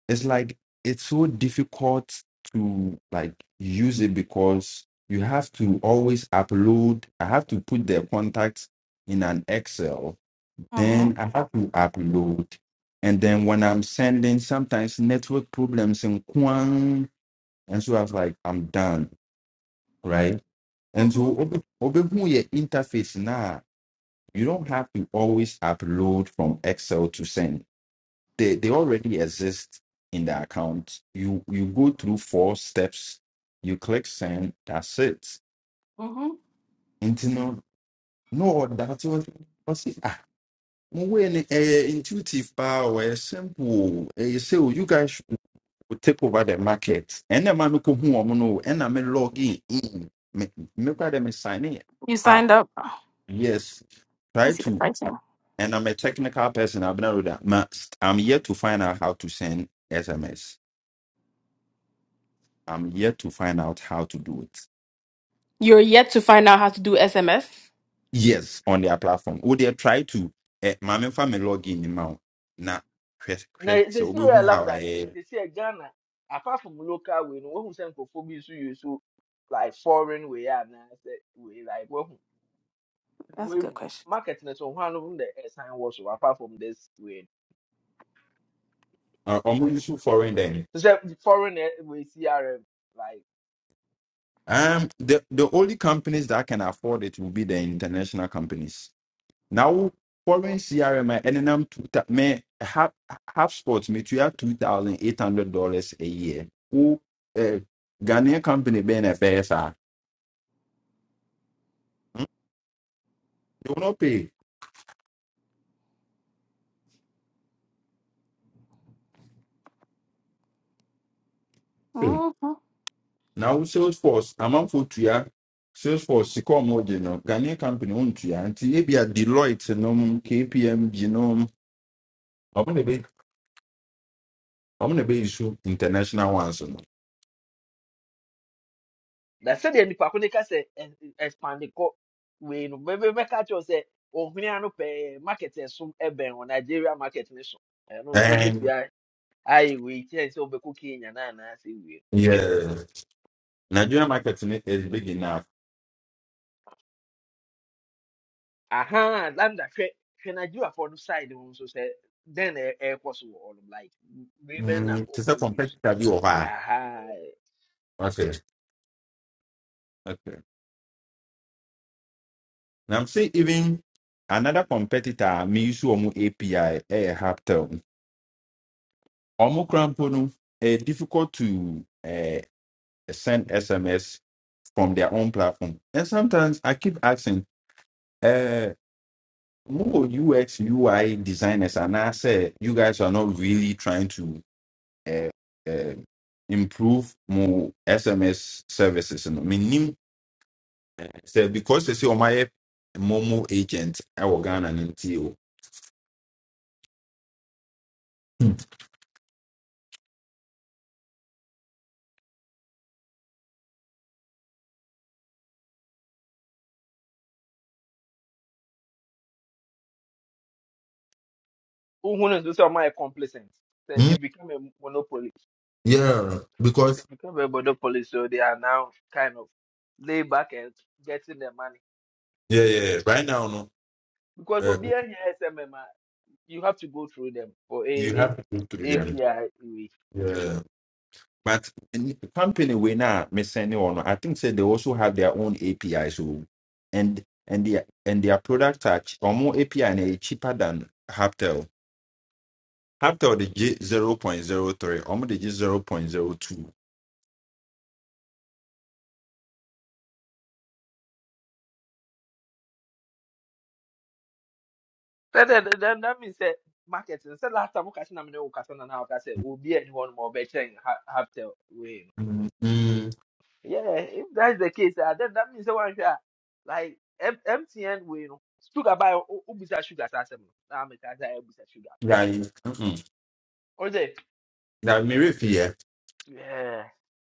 Speaker 1: It's like it's so difficult to like use it because you have to always upload. I have to put their contacts in an Excel,
Speaker 2: Mm-hmm.
Speaker 1: then I have to upload, and then when I'm sending, sometimes network problems and kwang, and so I was like, I'm done, right? And
Speaker 2: Mm-hmm.
Speaker 1: so obe- obehu yɛ interface now, you don't have to always upload from Excel to send. They they already exist in the account. You you go through four steps, you click send, that's it.
Speaker 2: Mm-hmm.
Speaker 1: Nti no no that was was it. ah when intuitive power simple o ɛyɛ you guys should take over the market ɛnna ɛma mi ko hu wɔn no o ɛnna mi log in me me kura dɛ sign in
Speaker 2: You
Speaker 1: Ah,
Speaker 2: signed up. Oh,
Speaker 1: Yes,
Speaker 2: Let me
Speaker 1: try
Speaker 2: see the
Speaker 1: to.
Speaker 2: pricing.
Speaker 1: And I'm a technical person. I've been with that. Ma- I'm here to find out how to send SMS. I'm here to find out how to do it.
Speaker 2: You're yet to find out how to do SMS?
Speaker 1: Yes, on their platform. Would they try to? Eh, my main family login now. Now,
Speaker 4: na
Speaker 1: so
Speaker 4: sisi
Speaker 1: we who
Speaker 4: yɛ
Speaker 1: how
Speaker 4: lambda nti
Speaker 1: I.
Speaker 4: sisi yɛ ghana apart from local way no wohu sɛ nkurɔfoɔ bi nso use so like foreign way a na sɛ way like wohu
Speaker 2: That's a
Speaker 4: way
Speaker 2: good question.
Speaker 4: market ne so ho ano no dɛ ɛsan wɔ so apart from this way
Speaker 1: uh, I'm really so foreign then.
Speaker 4: no. so sɛ foreign eh, way crm like.
Speaker 1: Um, the the only companies that can afford it will be the international companies. Now foreign CRM NNM two ta- me half half sports me to have two thousand eight hundred dollars a year. Who uh, Ghanaian company being a PSR. They will not pay. Hey.
Speaker 2: Mm-hmm.
Speaker 1: Now Salesforce amount for to ya Salesforce Sicor you know Ghanaian company on to ya and be a Deloitte no KPMG no I'm gonna be I'm gonna be issue international ones no.
Speaker 4: na sɛdeɛ nnipa ko ne ka sɛ ɛ- ɛ- expand kɔ wei no bɛbɛ bɛka kyerɛw sɛ ohia no pɛɛ market ɛso ɛbɛn wɔ nigeria market ne so ɛno nso wobɛtumi
Speaker 1: And
Speaker 4: a- ayɛ wei kyerɛ sɛ wobɛkɔ kenya na anaasɛ wie
Speaker 1: yeah Nigerian market is big enough.
Speaker 4: aha landa hwɛ hwɛ nigeriafoɔ no side ho nso sɛ dɛn na ɛ- ɛrekɔ so wɔ hɔ no like biribi na
Speaker 1: Mm, to say
Speaker 4: ɔmmɔ use
Speaker 1: competitor bi wɔ
Speaker 4: aha
Speaker 1: Okay. Now I'm saying even another competitor, me use Omo API, eh, Haptel. Omo Crampo, no, eh, difficult to eh, send SMS from their own platform. And sometimes I keep asking, uh, more UX, UI designers, and I say, you guys are not really trying to uh, uh, improve more SMS services. And I say because they say, oh, my eh, Momo agent, I will go
Speaker 4: wohu no nso sɛ ɔmayɛ complicent sɛ
Speaker 1: and
Speaker 4: they become a monopoly
Speaker 1: Yeah,
Speaker 4: they
Speaker 1: because
Speaker 4: become a monopoly so they are now kind of lay back and getting their money
Speaker 1: yeah, yeah. Right now, no,
Speaker 4: because
Speaker 1: uh,
Speaker 4: Obi and SMM, ah, you have to go through them for
Speaker 1: you
Speaker 4: any
Speaker 1: have to go through them.
Speaker 4: API. way.
Speaker 1: Yeah, but in company we now miss anyone. I think say they also have their own API. So and and their and their products are ch- or more API and they cheaper than Haptel. Haptel the G zero point zero three. Or more the G zero point zero two.
Speaker 4: That, that, that, that means that marketing. So last time, we okay, I'm going to now. I said Obi and one more better and have to win.
Speaker 1: Mm, mm,
Speaker 4: Yeah, if that's the case, ah, then that means that one ah, like M- MTN win. Sugar by Ubisa Sugar, that's him. I'm a Ubisa Sugar.
Speaker 1: Yeah. mm-mm.
Speaker 4: Or say,
Speaker 1: like, me, if, yeah,
Speaker 4: yeah.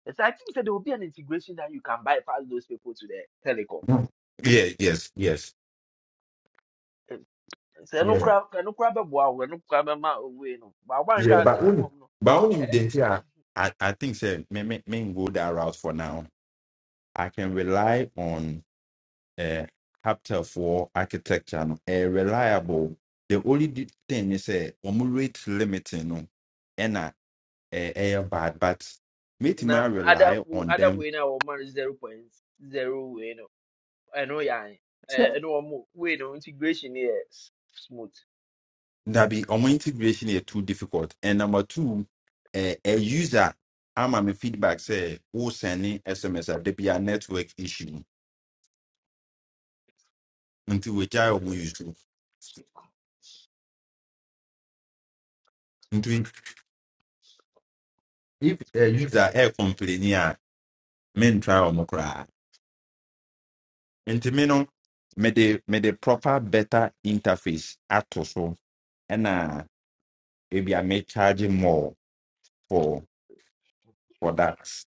Speaker 4: It's, like, I think that there will be an integration that you can bypass those people to the telecom.
Speaker 1: yeah, yes, yes.
Speaker 4: sɛ ɛno
Speaker 1: Yeah.
Speaker 4: koraa ɛno koraa bɛboa wo ɛno koraa bɛma wei no but woanhwɛ
Speaker 1: Yeah,
Speaker 4: a
Speaker 1: but only
Speaker 4: telecom no
Speaker 1: but only with
Speaker 4: eh?
Speaker 1: the yeah. I, I think say me me me go that route for now. I can rely on uh chapter for architecture no eh, reliable. The only di- thing is a um, rate limiting no and a eh, bad but me to my
Speaker 4: na ada
Speaker 1: rely
Speaker 4: wo-
Speaker 1: on
Speaker 4: ada
Speaker 1: them.
Speaker 4: wei no a wɔma no zero point zero wei no ɛno yɛ ae
Speaker 1: Yeah.
Speaker 4: Ɛ- ɛno wɔ mo wei no integration no yɛ s- smooth
Speaker 1: That be um, integration is too difficult. And number two, uh, a user I'm a me feedback say who sending SMS a there be a network issue until we try omu use. nti if uh, user air complain a mentwa wɔn koraa nti me no mede mede proper better interface ato so ɛna ebi a may charge more for for that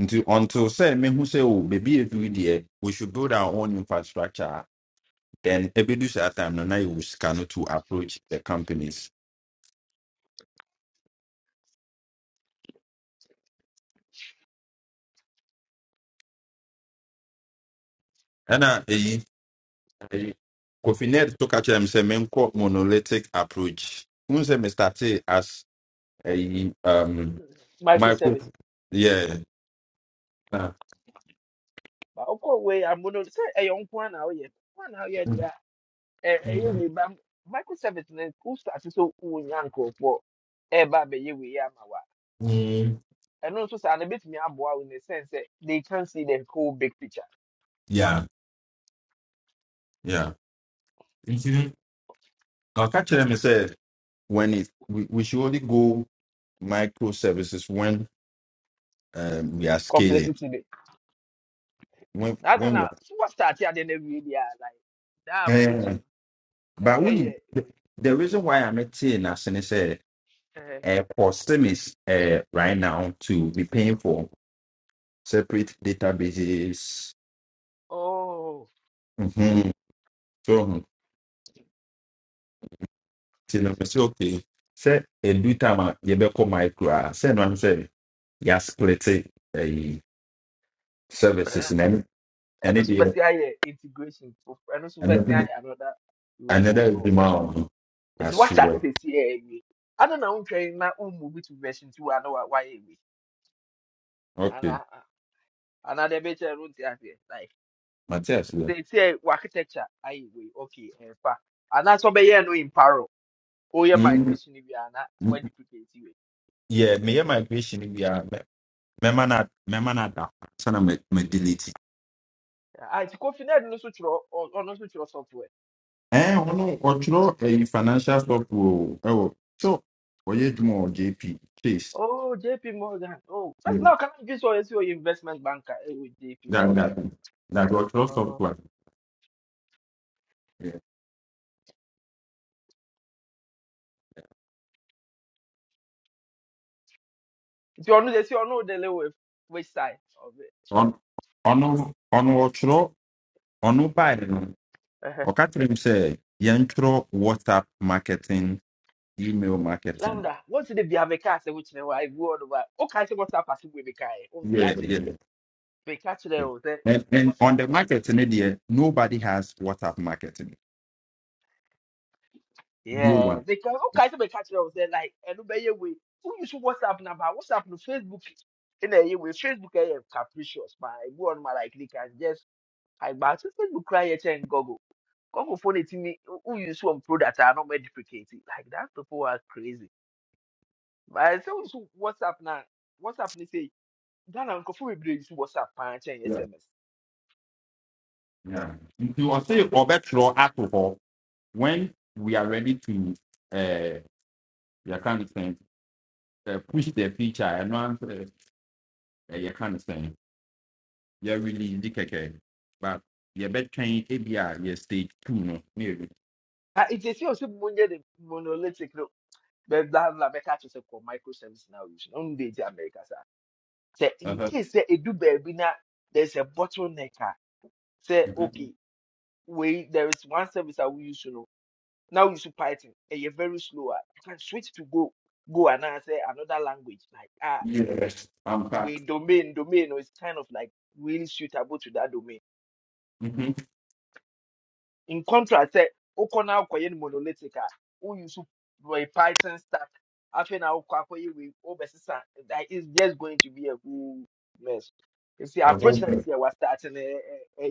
Speaker 1: nti until sɛ mehu sɛ o baby edu deɛ we should build our own infrastructure then ebedu saa time no na yɛ sika no to approach the companies And eyi eyi kofi to catch them say men menkɔ monolithic approach n sɛ me starte as A um, micro
Speaker 4: microservice
Speaker 1: Yeah. Nah.
Speaker 4: but wokɔ wei amono no sɛ ɛyɛ wo nko a na woyɛ nko a na woyɛ deɛ
Speaker 1: Mm.
Speaker 4: a ɛ- ɛyɛ wei ba microservice no wo start sɛ wonya nkurɔfoɔ ɛɛba abɛyɛ wei ama wo a ɛno nso saa no bɛtumi aboa wo in the sense sɛ they can see the whole big picture
Speaker 1: Yeah. Yeah. i I'll catch them and say when it we, we should only go microservices when um, we are scaling.
Speaker 4: complexity bi
Speaker 1: When
Speaker 4: na ase
Speaker 1: when we
Speaker 4: na
Speaker 1: are
Speaker 4: wɔ start ade na wie bi like that approach
Speaker 1: Eh,
Speaker 4: no ɛ
Speaker 1: but when you-
Speaker 4: ɛyɛ
Speaker 1: the, the reason why I'm at in as I said
Speaker 4: ɛɛ
Speaker 1: uh, for SIMIS uh, right now to be paying for separate databases.
Speaker 4: oh
Speaker 1: Mhm. nti na mɛsɛ okay sɛ edu time a yɛbɛkɔ mic koraa sɛ ɛno ano sɛ yɛasplete ɛyi services
Speaker 4: bɛrɛ
Speaker 1: na ɛne ɛne
Speaker 4: ɛno so
Speaker 1: deɛ
Speaker 4: bɛsi ayɛ integration foforɔ ɛno so
Speaker 1: ɛno
Speaker 4: bɛsi
Speaker 1: do-
Speaker 4: ayɛ another way
Speaker 1: ɛno da
Speaker 4: foforɔ
Speaker 1: adwuma a
Speaker 4: nti that? They see. si ɛyɛ wie ade na wo twɛn na wo move to version two ano wa wayɛ wie
Speaker 1: okay
Speaker 4: ana ana de bɛ kyerɛ no nti aseɛ like
Speaker 1: mate asowɛ
Speaker 4: nti si ɛ wɔ architecture ayɛ wie okay ɛnfa ana so bɛyɛ no in paro. Oh, yeah.
Speaker 1: Mm,
Speaker 4: migration bi ana wɔ
Speaker 1: mm,
Speaker 4: duplicate wie.
Speaker 1: yeah, meyɛ migration bi a mɛ- mɛma no ad- mɛma no ada sɛ na madelete
Speaker 4: Ah, it's Kofi Ned no switch or no switch software.
Speaker 1: ɛɛ ɔno ɔtwerɛ ɛyi financial software o ɛwɔ so ɔyɛ adwuma jp Please.
Speaker 4: Oh, JP Morgan. Oh, first
Speaker 1: Yeah,
Speaker 4: now can I use your your investment banker eh, with JP
Speaker 1: that
Speaker 4: Morgan.
Speaker 1: that that ɔtwerɛ
Speaker 4: Oh,
Speaker 1: software
Speaker 4: if you know, see you know, the way which side of it.
Speaker 1: on ɔno ɔno ɔtwerɛ ɔno bae no
Speaker 4: Uh-huh.
Speaker 1: ɔka kyerɛ m sɛ yɛntwerɛ whatsapp marketing email marketing
Speaker 4: Lambda, what did they have a car say which they were I go on over. Okay, so what's up as we be car. Oh,
Speaker 1: yeah,
Speaker 4: start it.
Speaker 1: yeah.
Speaker 4: They catch
Speaker 1: yeah.
Speaker 4: there was there
Speaker 1: And, and
Speaker 4: what's
Speaker 1: on
Speaker 4: up?
Speaker 1: the marketing idea, nobody has WhatsApp marketing. No
Speaker 4: Yeah,
Speaker 1: one.
Speaker 4: they can okay, so they catch there was there like and obey way. Who use WhatsApp number? WhatsApp no Facebook in a way Facebook eh, eh, capricious, but I go on my like they can just agbaatụtụ bụ cry here and google google phone it etinye who use one product are not made duplicate It. like that people are crazy but i say use whatsapp na whatsapp ni say ghana nkurɔfoɔ bebree use whatsapp paa chain,
Speaker 1: Yeah.
Speaker 4: sms
Speaker 1: Yeah. You are saying or better or alcohol when we are ready to uh you can't uh, push the feature and one uh, you can't say. yɛrelease di kɛkɛ but yɛbɛtwɛn ebi A B I, yɛ stage two no ne yɛ
Speaker 4: Ah, it is your simple money the monolithic no bɛɛ bla bla bɛka kyerɛ sɛ kɔ microservice na use no ɔno de di america sir. Say in
Speaker 1: uh-huh.
Speaker 4: case sɛ edu baabi na there is a bottleneck a sɛ
Speaker 1: Mhm.
Speaker 4: okay wei there is one service a we use no Now you should Python and you're very slow. ah, You can switch to Go. Go and I say another language. Like ah,
Speaker 1: yes ampa
Speaker 4: we domain domain is kind of like really suitable to that domain.
Speaker 1: Mhm.
Speaker 4: in contrast sɛ wokɔ na wokɔyɛ no monolithic a wouse wɔ python stack afei na wokɔ akɔyɛ wei wobɛsesa that is just going to be a whole mess You See, approach na ɛsi
Speaker 1: Ɛhɔ.
Speaker 4: we wastarte no ɛ- ɛ-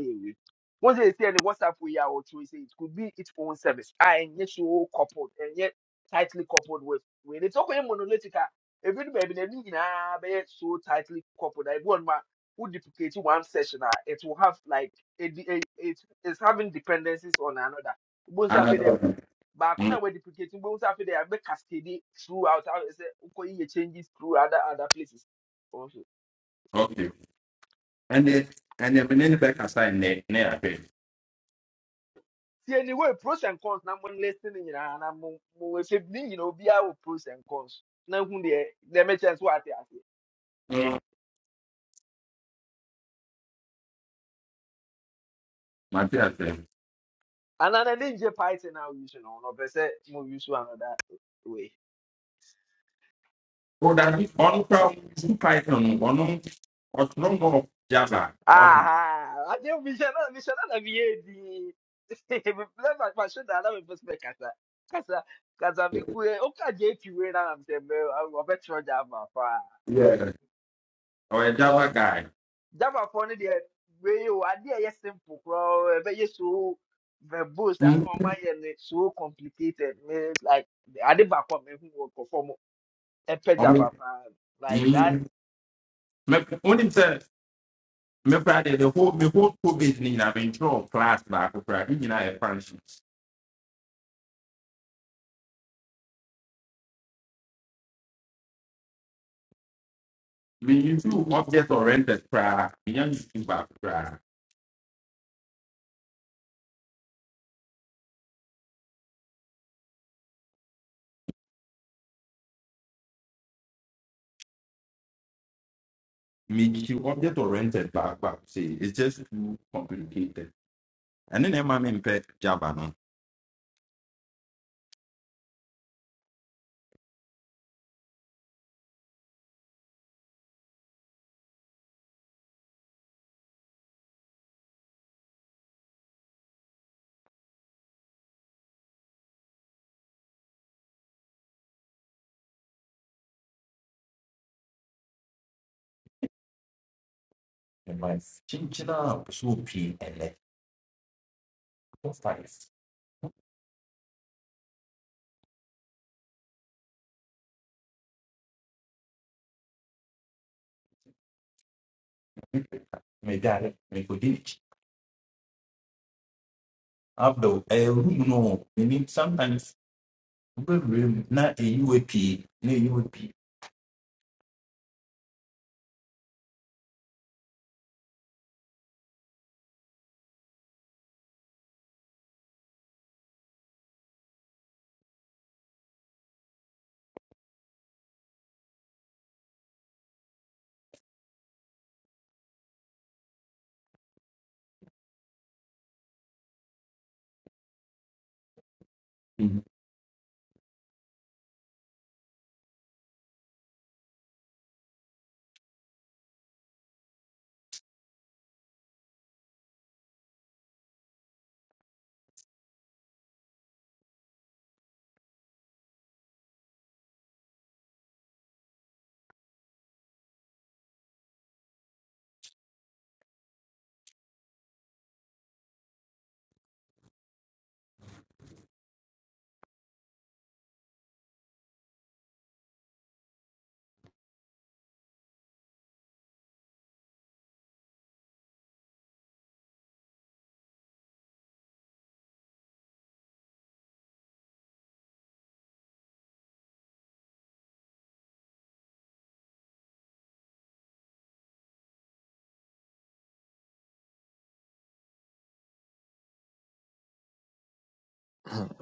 Speaker 4: once they say the WhatsApp we are or we say it could be its own service. I and yet so coupled and yet tightly coupled with when it's okay monolithic. a Every baby na ni nyinaa be so tightly coupled. I want my who duplicate one session. ah, It will have like it, it, it is having dependencies on another. Bones are fed
Speaker 1: Anadwo.
Speaker 4: but
Speaker 1: Mm,
Speaker 4: I we're duplicating bones are there, I make cascaded throughout. I say, okay, it changes through other other places also.
Speaker 1: okay And ɛnɛ and mene ne back aside, ne ne yɛahwɛ
Speaker 4: See, anyway, pros and cons. Now, when listening, you know, and I'm more you know, be our pros and cons. Now, who they they make merchants what they are.
Speaker 1: Mm, mate asɛ
Speaker 4: And then the ninja python now use you know, no, but say more use another way.
Speaker 1: odade ɔno kora su python no, ɔno ɔtoro mɔ java ɔno
Speaker 4: Ah, adeus, Michelin, Michelin havia de. Leva a machina lá, me fosse casa. Casa, casa, me cure. O cadê que a gente vê na Amsterdã, eu vou te falar uma coisa.
Speaker 1: Yeah. ɔyɛ java guy
Speaker 4: Já uma fone de. Veio, a dia é simple, bro. É bem isso. Verbose, a
Speaker 1: Mm,
Speaker 4: mamãe é so complicated. It's like, I didn't back up, me who will perform a pejava,
Speaker 1: ɔmo
Speaker 4: like that.
Speaker 1: Mm. Me only say. me Friday the whole me whole COVID ni nyina me ntwerɛ class baako koraa ne nyinaa yɛ functions Me you do object oriented koraa menya nsu baako koraa you object oriented back back, sei it's just too complicated And then Emma, me mpɛ java no kyenkyena a so pii ɛnɛ five medare mekɔdi nekyi abdel ɛhu mu no Me need sometimes wobɛwura mu na ɛyiwa pii na ɛyiwa pii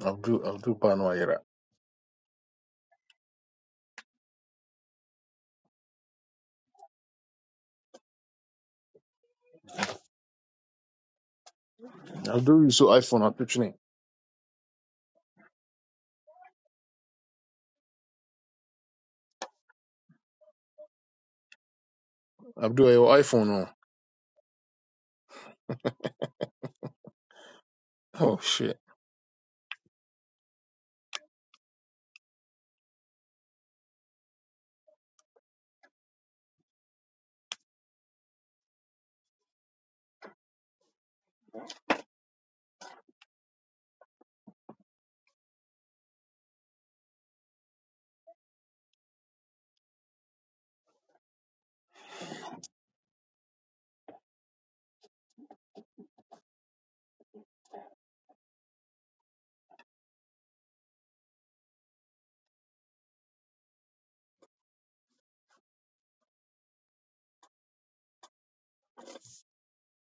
Speaker 5: Abdu Abdu Pano Ira. Abdu you saw iPhone atwitwene. Abdu your iPhone oh. Oh shit.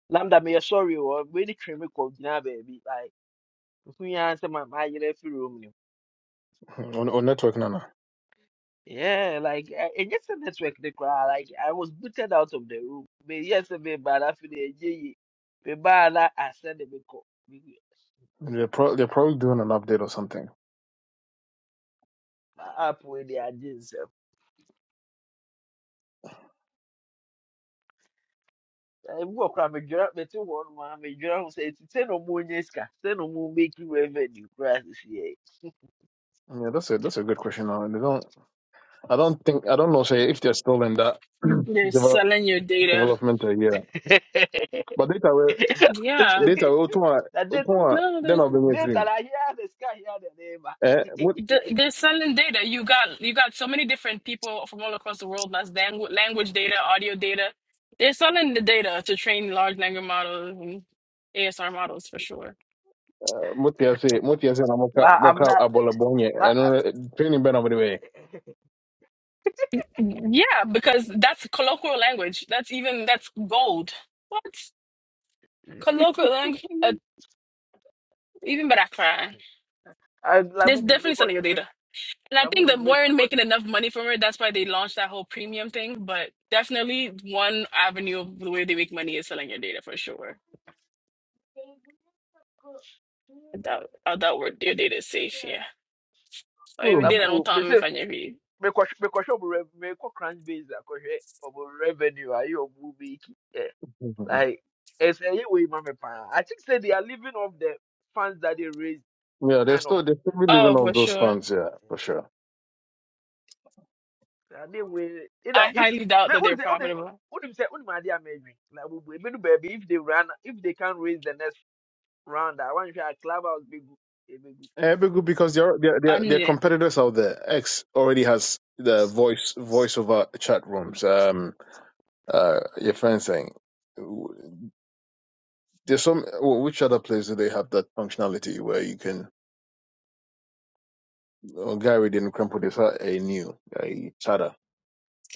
Speaker 4: Lambda, me sorry, or really trim me, baby. Like, who answer my, my, you know, room.
Speaker 5: On on network nana.
Speaker 4: Yeah, like eh, eh, just a network de koraa, like I was booted out of the room. Me yes me ba na fi de ye ye. Me ba na ascend me ko.
Speaker 5: They're pro- they're probably doing an update or something.
Speaker 4: My app wey the agye I walk around, wɔ koraa me dwera me te one no ma me dwera ho sɛ ti sɛ no mu nye sika, sɛ no mu make you revenue koraa sisi
Speaker 5: Yeah, that's a that's a good question. Now. They don't I don't think I don't know say if they're still in that
Speaker 2: They're
Speaker 5: develop,
Speaker 2: selling your data.
Speaker 5: development uh, yeah.
Speaker 4: yɛ.
Speaker 5: But data were
Speaker 2: Yeah.
Speaker 5: data we utuma
Speaker 4: Na data
Speaker 5: utuma
Speaker 2: No,
Speaker 5: then
Speaker 2: there's
Speaker 5: I'll bring it
Speaker 4: that
Speaker 5: free.
Speaker 4: I hear the sky hear the neighbor.
Speaker 5: Eh, mut
Speaker 2: Th- they're selling data. You got you got so many different people from all across the world. That's langu- language data, audio data. They're selling the data to train large language models and ASR models for sure.
Speaker 5: uh, mut ya say mut ya say na moka
Speaker 4: But I'm
Speaker 5: moka
Speaker 4: not
Speaker 5: abola bonye. I
Speaker 4: but
Speaker 5: know training ben over
Speaker 2: Yeah, because that's colloquial language. That's even that's gold. What colloquial language? Uh, even better.
Speaker 4: I'm like
Speaker 2: They're
Speaker 4: me
Speaker 2: definitely selling your data.
Speaker 4: kɔhwɛ
Speaker 2: And I think that
Speaker 4: me
Speaker 2: weren't making enough money from it. That's why they launched that whole premium thing. But definitely one avenue of the way they make money is selling your data for sure. I doubt. that work your data is safe, yeah. So if you
Speaker 5: the
Speaker 2: did, I don't
Speaker 4: abubu
Speaker 2: tell
Speaker 4: me
Speaker 2: me if
Speaker 4: say
Speaker 2: I never you.
Speaker 4: mekɔ mekɔhwɛ ɔmo rev mekɔ crunch base akɔhwɛ ɔmo revenue ayɛ ɔmo making yeah
Speaker 5: way.
Speaker 4: like ɛsɛ ɛyɛ wei ma me i think say they are living off the funds that they raised to
Speaker 5: Yeah, they're
Speaker 4: kind of
Speaker 5: still they're still living
Speaker 2: Oh,
Speaker 5: off
Speaker 2: for
Speaker 5: those
Speaker 2: sure.
Speaker 5: funds, yeah, for sure.
Speaker 4: ade wei either
Speaker 2: I
Speaker 4: if
Speaker 2: highly doubt
Speaker 4: me
Speaker 2: that
Speaker 4: wuli
Speaker 2: they're
Speaker 4: sɛ
Speaker 2: profitable.
Speaker 4: what wuli sɛ wuli ma ade ama edwin na abubu ebi baby, if they run if they can raise the next round I want hwɛ a club house bɛ
Speaker 5: Yeah, it'd be good because there are there
Speaker 2: I
Speaker 5: there there
Speaker 2: need
Speaker 5: are
Speaker 2: it.
Speaker 5: competitors out there. X already has the voice voice over chat rooms. Um, uh, your friend saying there's some wh- which other place do they have that functionality where you can oh, Gary didn't crumple this a new a chatter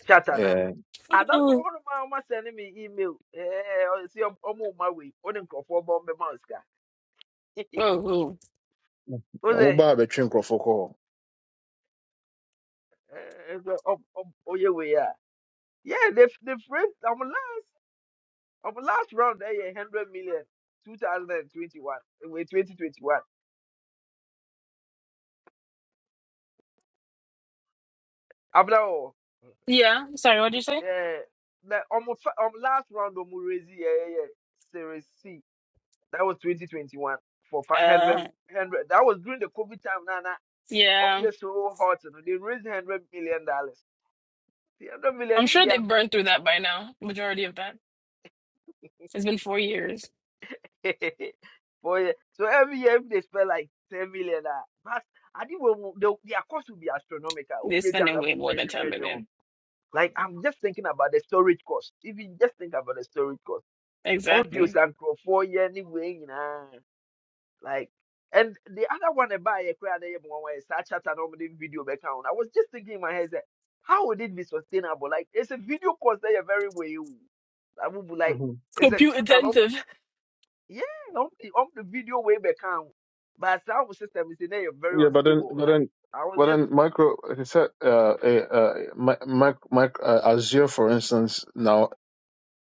Speaker 4: Shatter nana.
Speaker 5: and
Speaker 4: And that
Speaker 2: Whoa,
Speaker 4: one of my mama sending me email. Eh, or see I'm on my way. On in for bomb the mask.
Speaker 2: whoa.
Speaker 4: Was
Speaker 5: I'm
Speaker 4: it?
Speaker 5: about between call.
Speaker 4: Oh yeah, we are. Yeah, the the friend. I'm last. I'm last round. There, yeah, hundred million. 2021. Wait, 2021. I'm
Speaker 2: Yeah. Sorry, what did you say?
Speaker 4: Yeah. Like, on my fi- on last round, on raise, yeah, yeah, yeah. Series C. That was 2021 for fi- 100,
Speaker 2: Uh,
Speaker 4: That was during the COVID time, Nana.
Speaker 2: yeah.
Speaker 4: obvious so hot you know, they raise hundred million dollars. The hundred million
Speaker 2: I'm
Speaker 4: if
Speaker 2: sure
Speaker 4: they
Speaker 2: they burned through that by now. Majority of that. It's been four years.
Speaker 4: are for a- so every year if they spend like ten million ah, but I think we will- the their cost will be astronomical.
Speaker 2: They're
Speaker 4: Won't they your
Speaker 2: spending way
Speaker 4: level
Speaker 2: more than
Speaker 4: major
Speaker 2: 10
Speaker 4: major. oh.
Speaker 2: million.
Speaker 4: Like I'm just thinking about the storage cost. If you just think about the storage cost, audio
Speaker 2: Exactly.
Speaker 4: and for year anyway, you Like, and the other one about a crowd one way start chat and nobody video back on. I was just thinking in my head that how would it be sustainable? Like, it's a video course that you're very way. I would be like,
Speaker 5: hmm
Speaker 4: it's a
Speaker 2: Compute
Speaker 4: chat and um,
Speaker 2: intensive.
Speaker 4: yeah, um, the, um, the video way back on. But sound system is in there you're very
Speaker 5: Yeah, but then
Speaker 4: unstable.
Speaker 5: but
Speaker 4: Like,
Speaker 5: then
Speaker 4: I was
Speaker 5: but
Speaker 4: just,
Speaker 5: then micro, he said, uh, uh, uh, mi- mic, mic, uh, Azure, for instance, now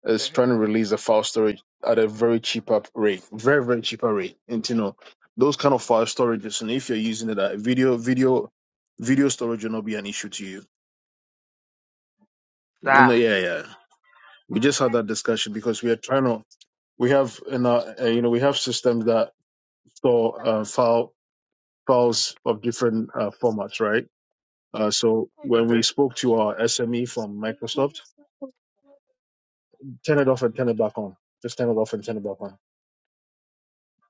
Speaker 5: is
Speaker 4: uh-huh.
Speaker 5: trying to release a file storage at a very cheaper rate, very very cheaper rate. And you know those kind of file storages, and if you're using it, at video video video storage will not be an issue to you. You know,
Speaker 4: sir.
Speaker 5: yeah, yeah. We just had that discussion because we are trying to we have in our uh, you know we have systems that store uh, file files of different uh, formats, right? Uh, so when we
Speaker 4: Uh-huh.
Speaker 5: spoke to our SME from Microsoft, turn it off and turn it back on. Just turn it off and turn it back on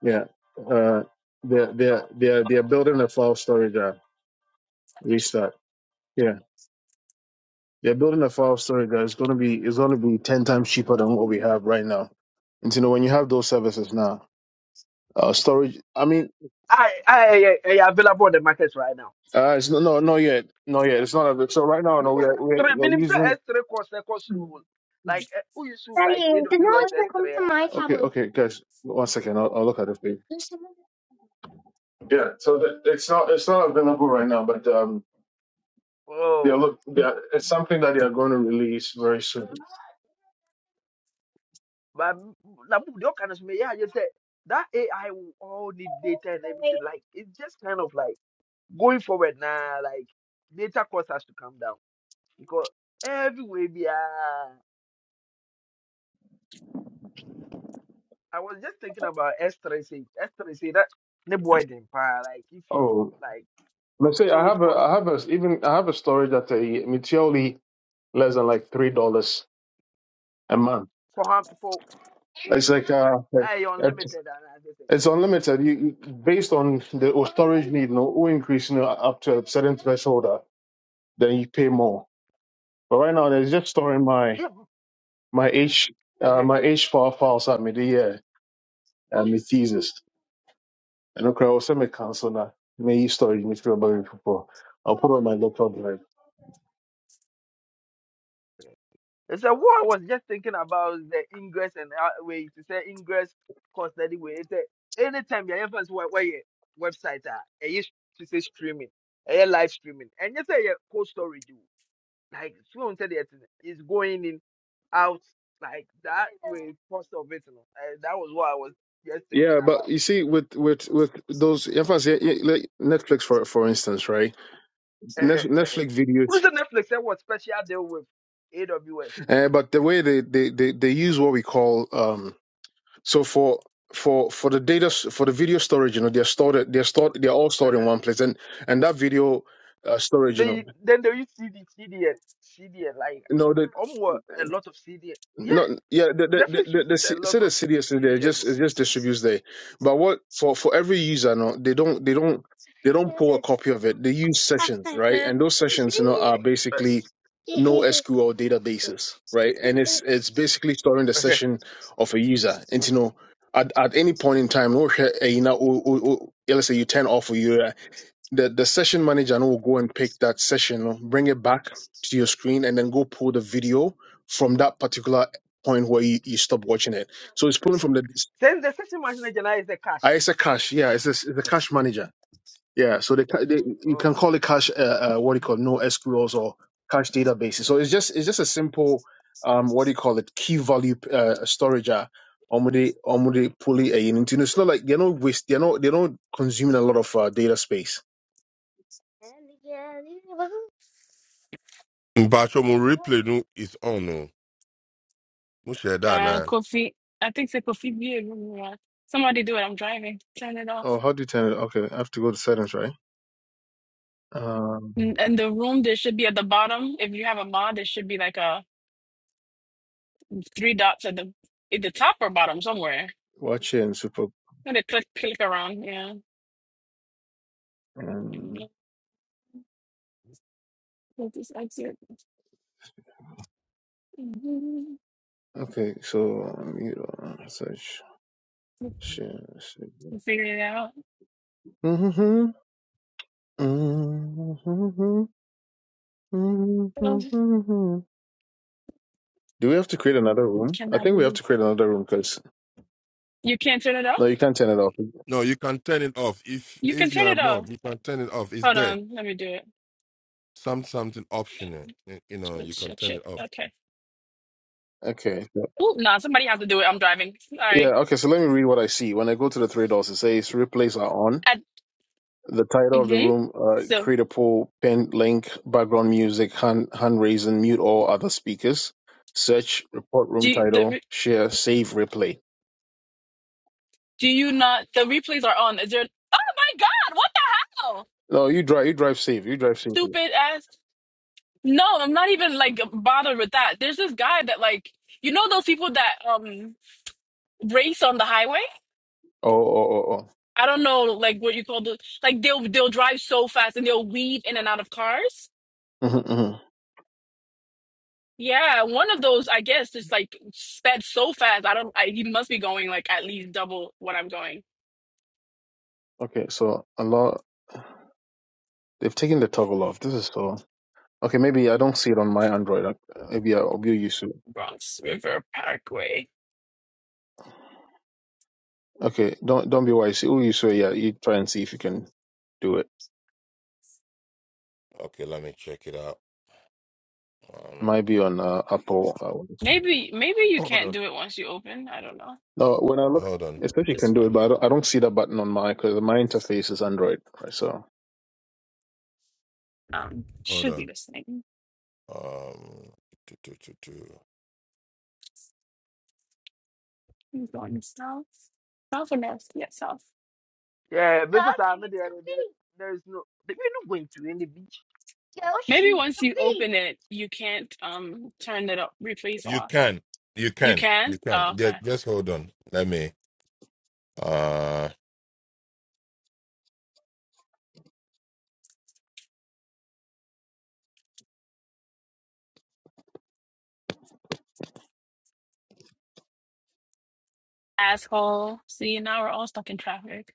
Speaker 5: Yeah. Uh, they're, they're, they're, they're building a file storage app. Restart. Yeah. They're building a file storage app. It's going to be, it's going to be 10 times cheaper than what we have right now. And you know, when you have those services now, uh, storage, I mean,
Speaker 4: I, I, I, I available on the market right now
Speaker 5: uh, it's no, no, not yet. Not yet. It's not, a, so right now, no,
Speaker 4: because
Speaker 5: we're, we're,
Speaker 4: three
Speaker 5: we're
Speaker 4: minimum
Speaker 5: using,
Speaker 4: S3 course, course rule. Like, eh, who you choose
Speaker 5: Daddy,
Speaker 4: like
Speaker 5: the
Speaker 4: AWS
Speaker 5: noise can come
Speaker 4: S3?
Speaker 5: to
Speaker 4: ah,
Speaker 5: my okay,
Speaker 4: Like,
Speaker 5: tablet. okay, guys, one second. I'll, I'll look at it for you. Yeah, so the, it's not it's not available right now, but um, they're
Speaker 4: oh.
Speaker 5: look, they're, it's something that they are going to release very soon.
Speaker 4: But m- na mu the kind of me yeah you said that AI will all need data and everything. Like it's just kind of like going forward now, like data cost has to come down because everywhere be ah, I was just thinking about S3 say S3 say that the boy then pa like if you
Speaker 5: Oh,
Speaker 4: like um
Speaker 5: let's say I
Speaker 4: storage
Speaker 5: have a
Speaker 4: cost
Speaker 5: I
Speaker 4: ne,
Speaker 5: have a even I have a storage that uh, it's only less than like three dollars a month.
Speaker 4: for hum- for
Speaker 5: It's like uh,
Speaker 4: I
Speaker 5: it,
Speaker 4: unlimited and I just
Speaker 5: it's unlimited. You, you- based on the storage need, you know, or increasing up to a certain threshold, uh, then you pay more. But right now, it's just storing my
Speaker 4: say
Speaker 5: my H uh,
Speaker 4: yeah
Speaker 5: my H four files at me the year and my thesis. And okay, I'll send me cancel now. May you storage me through about it before. I'll put on my laptop drive.
Speaker 4: They a war. I was just thinking about the ingress and out- way to say ingress cost that way. It's anytime your infants where where your website are, it used to say streaming, a live streaming, and you say your cold storage you like soon said it is going in out like that way cost of it. You know. Eh, that was what I was just thinking
Speaker 5: Yeah, but
Speaker 4: about.
Speaker 5: you see, with with with those, if I say yeah, like Netflix for for instance, right? Nef- Netflix videos,
Speaker 4: Who's the Netflix and what special deal with AWS?
Speaker 5: uh, but the way they, they they they use what we call um, so for for for the data s- for the video storage, you know, they're stored they're stored they're all stored in one place, and and that video uh, storage, you know,
Speaker 4: They then they use CD, CDN, CDN like.
Speaker 5: no,
Speaker 4: Omwa a lot of CDN. Yeah,
Speaker 5: No, yeah, the the the,
Speaker 4: Netflix
Speaker 5: the, the
Speaker 4: uses a
Speaker 5: C-
Speaker 4: lot
Speaker 5: say the
Speaker 4: of
Speaker 5: city yesterday. It
Speaker 4: CDN.
Speaker 5: just
Speaker 4: no.
Speaker 5: it just distributes there. But what for for every user, no, they don't they don't they don't pull a copy of it. They use sessions, right? And those sessions, you know, are basically
Speaker 4: Eh,
Speaker 5: no SQL databases, right? And it's it's basically storing the session of a user. And you know, at, at any point in time, no, eh, you know, oh, oh, oh, yeah, let's say you turn off or you the, the session manager no will go and pick that session, no. bring it back to your screen, and then go pull the video from that particular point where you, you stop watching it. So it's pulling from the.
Speaker 4: Then the session machine agenda is the
Speaker 5: I
Speaker 4: cash.
Speaker 5: it's a cache, yeah. It's a, it's a cache manager. Yeah, so they, ca- they you
Speaker 4: Oh,
Speaker 5: can
Speaker 4: Okay.
Speaker 5: call it cache uh, uh, what do you call it, no SQLs or cache databases. So it's just it's just a simple um what do you call it key value uh, storage. Uh, omudi omudi pulling a unit. You know, It's not like they're not waste they're not they're not consuming a lot of uh, data space.
Speaker 6: Bachomu replay no is on no. No share that
Speaker 2: Uh,
Speaker 6: now.
Speaker 2: Kofi. I think it's a Kofi. Somebody do it. I'm driving. Turn it off.
Speaker 5: Oh, how do you turn it? Okay, I have to go to settings, right? Um,
Speaker 2: And and the room, there should be at the bottom. If you have a mod, there should be like a three dots at the at the top or bottom somewhere.
Speaker 5: watch it and super.
Speaker 2: And they click click around. Yeah.
Speaker 5: Um,
Speaker 2: Mm, Let this exit. Mhm.
Speaker 5: okay, so mute on search. Do
Speaker 2: Figure it out. Oh,
Speaker 5: we have to create another room? I
Speaker 2: cannot
Speaker 5: think
Speaker 2: do
Speaker 5: we have to
Speaker 2: this.
Speaker 5: create another room because
Speaker 2: You can't turn it off?
Speaker 5: no, you can't turn it off.
Speaker 6: No, you can turn it off. If
Speaker 2: You can
Speaker 6: if you
Speaker 2: turn
Speaker 6: are
Speaker 2: it off.
Speaker 6: mod, you can turn it off. It's
Speaker 2: Hold
Speaker 6: there.
Speaker 2: on. Let me do it.
Speaker 6: Some something optional. You you know,
Speaker 2: Shit,
Speaker 6: you can
Speaker 2: shit,
Speaker 6: turn
Speaker 2: shit.
Speaker 6: it off.
Speaker 2: Okay.
Speaker 5: Okay.
Speaker 2: Oh, no, somebody has to do it. I'm driving.
Speaker 5: Yeah.
Speaker 2: Sorry.
Speaker 5: Okay. So let me read what I see. When I go to the three dots, it says replays are on.
Speaker 2: At,
Speaker 5: The title of the
Speaker 2: mm-hmm.
Speaker 5: room: uh,
Speaker 2: So,
Speaker 5: create a poll, pin link, background music, hand hand raising, mute all other speakers. Search report
Speaker 2: do
Speaker 5: room
Speaker 2: you, the,
Speaker 5: title,
Speaker 2: re-
Speaker 5: share, save replay.
Speaker 2: do you not? The replays are on. Is there. Oh my God! What the hell?
Speaker 5: No, you drive. You drive save. You drive safely.
Speaker 2: stupid ass. No, I'm not even like bothered with that. There's this guy that like you know those people that um race on the highway.
Speaker 5: Oh, oh, oh, oh.
Speaker 2: I don't know like what you call the like they'll they'll drive so fast and they'll weave in and out of cars.
Speaker 5: Mhm, mhm.
Speaker 2: Yeah, one of those I guess just like sped so fast. I don't. I, he must be going like at least double what I'm going.
Speaker 5: Okay, so a lot they've taken the toggle off. This is so okay. Maybe I don't see it on my Android. Like, Maybe I'll be used to.
Speaker 2: Bronx River Parkway.
Speaker 5: Okay, don't don't be wise. Oh, you so yeah, you try and see if you can do it.
Speaker 6: Okay, let me check it out. Um
Speaker 5: Might be on uh, Apple. Uh,
Speaker 2: Maybe maybe you
Speaker 6: hold
Speaker 2: can't
Speaker 6: on.
Speaker 2: do it once you open. I don't know.
Speaker 5: no, when I look,
Speaker 6: Hold on.
Speaker 2: Let
Speaker 5: it
Speaker 2: me
Speaker 5: says
Speaker 2: put
Speaker 5: you can
Speaker 2: this
Speaker 5: do it,
Speaker 2: one.
Speaker 5: but I don't, I don't see that button on my because my interface is Android, right? So
Speaker 2: Um,
Speaker 6: Hold
Speaker 2: should be
Speaker 6: on.
Speaker 2: the same.
Speaker 6: Um tu- tu- tu- tu.
Speaker 2: He's going south. South or north? Yeah, south.
Speaker 4: Yeah, So because I'm there. There there is no. We're not going to any beach.
Speaker 2: Maybe once you open it, you can't um turn it up, replace
Speaker 6: you
Speaker 2: off.
Speaker 6: can. You
Speaker 2: You
Speaker 6: can.
Speaker 2: can?
Speaker 6: You can.
Speaker 2: Oh,
Speaker 6: Just,
Speaker 2: okay.
Speaker 6: just hold on. Let me uh
Speaker 2: Asshole. See, now we're all stuck in traffic.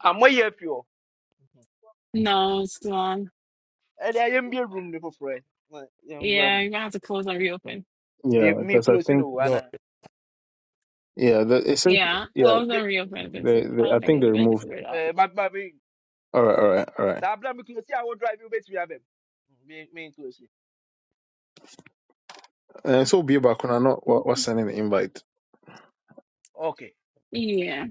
Speaker 4: I'm way up here. Mm-hmm.
Speaker 2: No, it's too long.
Speaker 4: And I am be a room there for friend.
Speaker 2: Yeah,
Speaker 4: room.
Speaker 2: you're gonna have to close and reopen.
Speaker 5: yeah,
Speaker 4: Me me
Speaker 5: because I
Speaker 4: closing
Speaker 5: think
Speaker 4: the one.
Speaker 6: no
Speaker 5: yeah, the, it says
Speaker 2: Yeah,
Speaker 5: yeah,
Speaker 2: close
Speaker 4: Me
Speaker 2: and reopen because
Speaker 5: they, they
Speaker 2: I
Speaker 5: I
Speaker 2: don't think
Speaker 5: think they
Speaker 2: anybody can
Speaker 5: removed.
Speaker 2: figure it out.
Speaker 4: eh, but but me.
Speaker 5: All right, all right, all right.
Speaker 4: That plan me closing. I will drive you back to your Me me closing.
Speaker 5: And so be back when I know what what's sending the invite.
Speaker 4: Okay.
Speaker 2: Yeah.